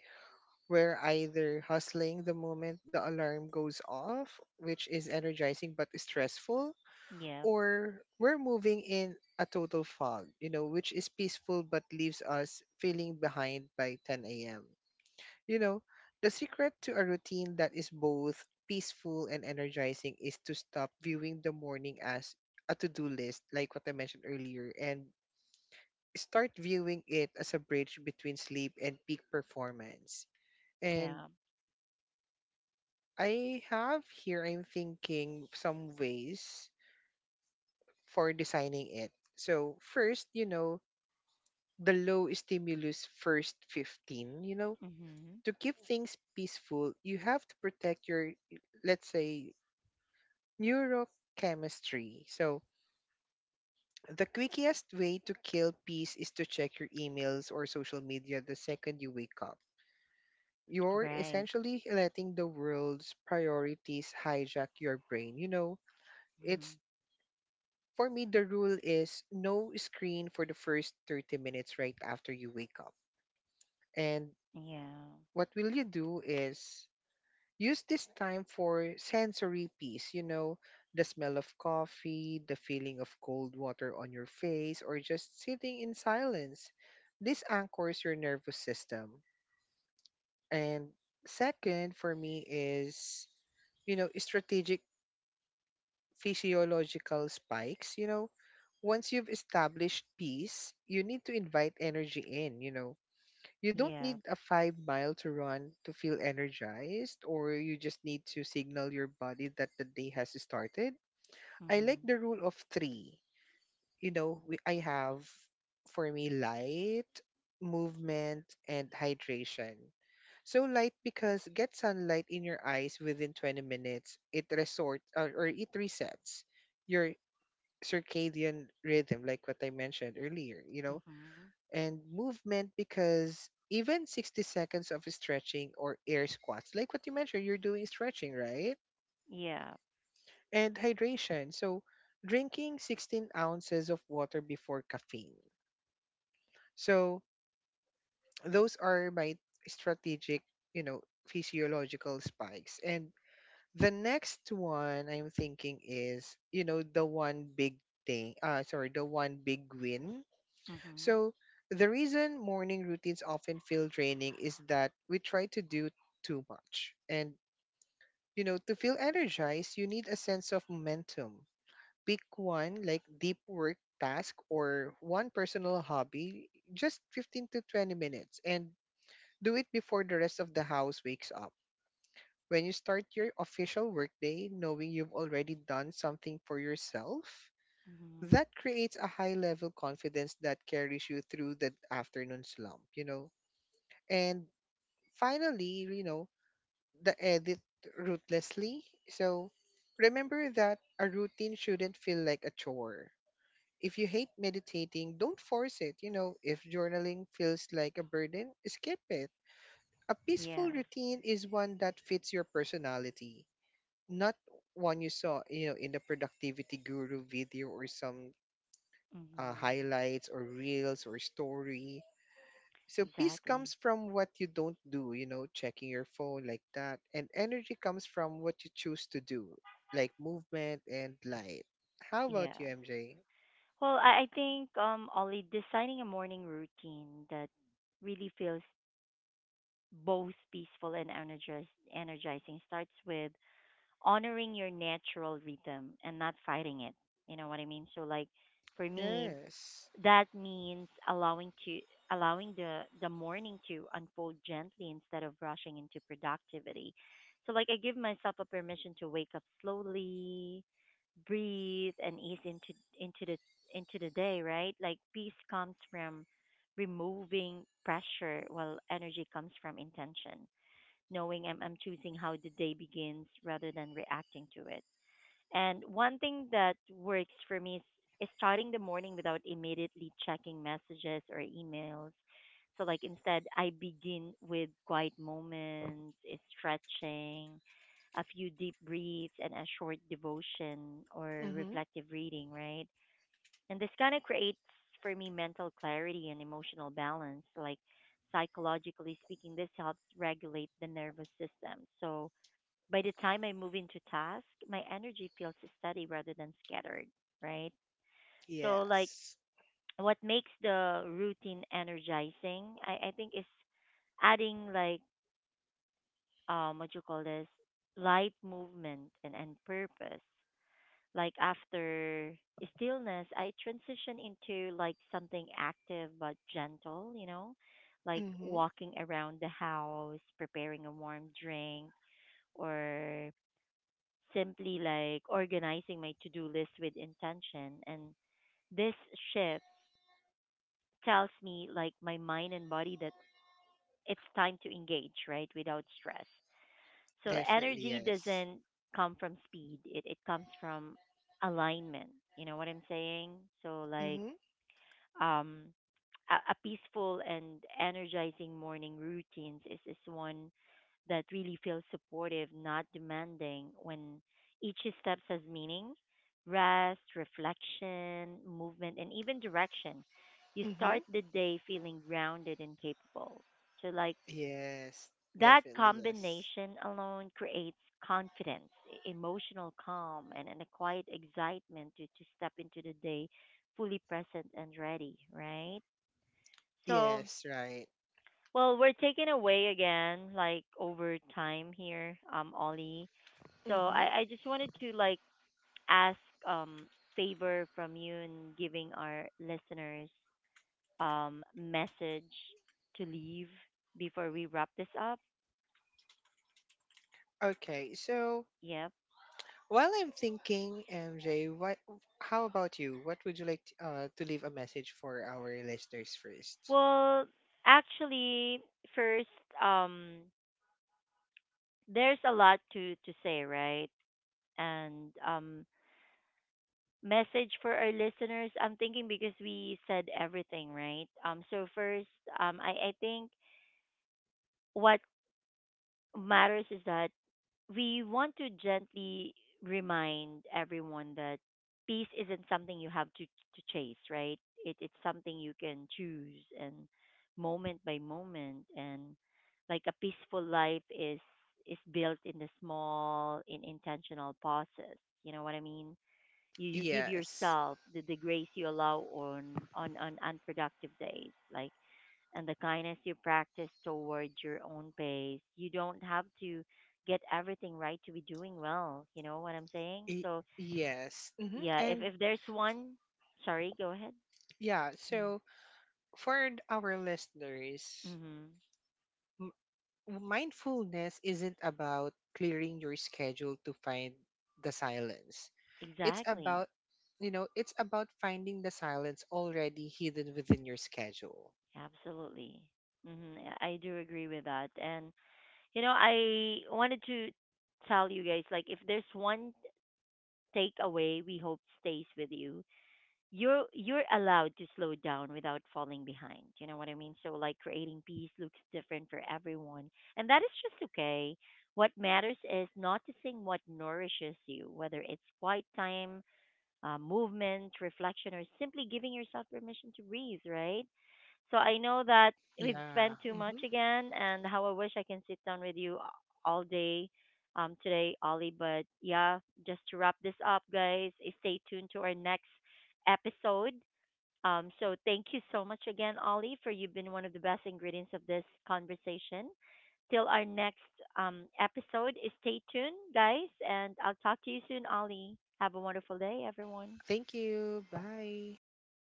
Speaker 2: we're either hustling the moment the alarm goes off, which is energizing but stressful,
Speaker 1: Yep.
Speaker 2: or we're moving in a total fog, you know, which is peaceful but leaves us feeling behind by ten a m. You know, the secret to a routine that is both peaceful and energizing is to stop viewing the morning as a to do list, like what I mentioned earlier, and start viewing it as a bridge between sleep and peak performance. And
Speaker 1: Yeah.
Speaker 2: I have here, I'm thinking some ways for designing it. So, first, you know, the low stimulus first fifteen, you know,
Speaker 1: Mhm.
Speaker 2: to keep things peaceful, you have to protect your, let's say, neurochemistry. So, the quickest way to kill peace is to check your emails or social media the second you wake up. You're
Speaker 1: Right.
Speaker 2: essentially letting the world's priorities hijack your brain. You know, it's
Speaker 1: Mhm.
Speaker 2: For me, the rule is no screen for the first thirty minutes right after you wake up. And
Speaker 1: Yeah.
Speaker 2: what will you do is use this time for sensory peace, you know, the smell of coffee, the feeling of cold water on your face, or just sitting in silence. This anchors your nervous system. And second, for me, is, you know, strategic physiological spikes, you know, once you've established peace, you need to invite energy in, you know. You
Speaker 1: Yep.
Speaker 2: don't need
Speaker 1: Yeah.
Speaker 2: a five mile to run to feel energized, or you just need to signal your body that the day has started. I like
Speaker 1: Mhm.
Speaker 2: the rule of three. You know, we, I have for me light, movement, and hydration. So light because get sunlight in your eyes within twenty minutes, it resort or, or it resets your circadian rhythm, like what I mentioned earlier, you know,
Speaker 1: Mm-hmm.
Speaker 2: and movement because even sixty seconds of stretching or air squats, like what you mentioned, you're doing stretching, right?
Speaker 1: Yeah.
Speaker 2: And hydration. So, drinking sixteen ounces of water before caffeine. So, those are my strategic, you know, physiological spikes. And the next one I'm thinking is, you know, the one big thing, uh, sorry, the one big win.
Speaker 1: Mm-hmm.
Speaker 2: So, the reason morning routines often feel draining is that we try to do too much. And, you know, to feel energized, you need a sense of momentum. Pick one, like deep work task or one personal hobby, just fifteen to twenty minutes, and do it before the rest of the house wakes up. When you start your official workday, knowing you've already done something for yourself,
Speaker 1: Mm-hmm.
Speaker 2: that creates a high level confidence that carries you through the afternoon slump, you know. And finally, you know, the edit ruthlessly. So remember that a routine shouldn't feel like a chore. If you hate meditating, don't force it. You know, if journaling feels like a burden, skip it. A
Speaker 1: Yeah.
Speaker 2: peaceful routine is one that fits your personality, not one you saw, you know, in the productivity guru video or some uh,
Speaker 1: Mm-hmm.
Speaker 2: highlights or reels or story. So peace
Speaker 1: Exactly.
Speaker 2: comes from what you don't do, you know, checking your phone like that. And energy comes from what you choose to do, like movement and light. How about you,
Speaker 1: Yes.
Speaker 2: M J?
Speaker 1: Well, I, I think um Ollie, designing a morning routine that really feels both peaceful and energiz- energizing starts with honoring your natural rhythm and not fighting it. You know what I mean? So like for me,
Speaker 2: Yes.
Speaker 1: that means allowing to allowing the the morning to unfold gently instead of rushing into productivity. So like I give myself a permission to wake up slowly, breathe and ease into into the into the day, right? Like peace comes from removing pressure while energy comes from intention, knowing I'm I'm choosing how the day begins rather than reacting to it. And one thing that works for me is, is starting the morning without immediately checking messages or emails. So, like, instead, I begin with quiet moments, eh, stretching, a few deep breaths, and a short devotion or
Speaker 2: Mm-hmm.
Speaker 1: reflective reading, right? And this kind of creates for me mental clarity and emotional balance. Like, psychologically speaking, this helps regulate the nervous system. So, by the time I move into task, my energy feels steady rather than scattered, right? So, like,
Speaker 2: Yes.
Speaker 1: what makes the routine energizing, I, I think, is adding, like, um, what you call this, light movement and, and purpose. Like, after stillness, I transition into, like, something active but gentle, you know? Like,
Speaker 2: Mm-hmm.
Speaker 1: walking around the house, preparing a warm drink, or simply like organizing my to-do list with intention, and this shift tells me, like, my mind and body, that it's time to engage, right, without stress. So
Speaker 2: Definitely
Speaker 1: energy
Speaker 2: yes.
Speaker 1: doesn't come from speed, it, it comes from alignment. You know what I'm saying? So like
Speaker 2: Mm-hmm.
Speaker 1: um, a, a peaceful and energizing morning routines is, is one that really feels supportive, not demanding. When each step has meaning, rest, reflection, movement, and even direction, you
Speaker 2: Mm-hmm.
Speaker 1: start the day feeling grounded and capable. So, like,
Speaker 2: Yes.
Speaker 1: that
Speaker 2: Definitely yes.
Speaker 1: combination alone creates confidence, e- emotional calm, and, and a quiet excitement to, to step into the day fully present and ready, right? So,
Speaker 2: Yes, right.
Speaker 1: well, we're taken away again, like over time here, um, Ollie. So
Speaker 2: Mm-hmm.
Speaker 1: I, I just wanted to like ask um favor from you in giving our listeners um message to leave before we wrap this up.
Speaker 2: Okay, so,
Speaker 1: Yep.
Speaker 2: while I'm thinking, M J, what? How about you? What would you like to, uh, to leave a message for our listeners first?
Speaker 1: Well, actually, first, um, there's a lot to to say, right? And um, message for our listeners? I'm thinking because we said everything, right? Um, so first, um, I, I think what matters is that we want to gently remind everyone that peace isn't something you have to to chase, right? It, it's something you can choose, and moment by moment, and like a peaceful life is is built in the small, in intentional pauses. You know what I mean? you you give
Speaker 2: Yes.
Speaker 1: yourself the, the grace, you allow on on on unproductive days, like, and the kindness you practice towards your own pace. You don't have to get everything right to be doing well, you know what I'm saying?
Speaker 2: Y-
Speaker 1: So
Speaker 2: yes. hmm
Speaker 1: yeah, if
Speaker 2: And
Speaker 1: if there's one, sorry, go ahead.
Speaker 2: yeah, so for th- our listeners,
Speaker 1: Mm-hmm.
Speaker 2: m- mindfulness isn't about clearing your schedule to find the silence. It's
Speaker 1: Exactly.
Speaker 2: about, you know, it's about finding the silence already hidden within your schedule.
Speaker 1: Absolutely. Hmm. I I do agree with that. And you know, I wanted to tell you guys, like, if there's one takeaway we hope stays with you, you're you're allowed to slow down without falling behind. You know what I mean? So like creating peace looks different for everyone, and that is just okay. What matters is noticing what nourishes you, whether it's quiet time, uh, movement, reflection, or simply giving yourself permission to breathe. Right? So I know that we've
Speaker 2: Yeah.
Speaker 1: spent too much
Speaker 2: Hmm.
Speaker 1: again, and how I wish I can sit down with you all day um, today, Ollie. But yeah, just to wrap this up, guys, eh, stay tuned to our next episode. Um, so thank you so much again, Ollie, for you've been one of the best ingredients of this conversation. Till our next um, episode, eh, stay tuned, guys, and I'll talk to you soon, Ollie. Have a wonderful day, everyone.
Speaker 2: Thank you. Bye.
Speaker 1: Thank you.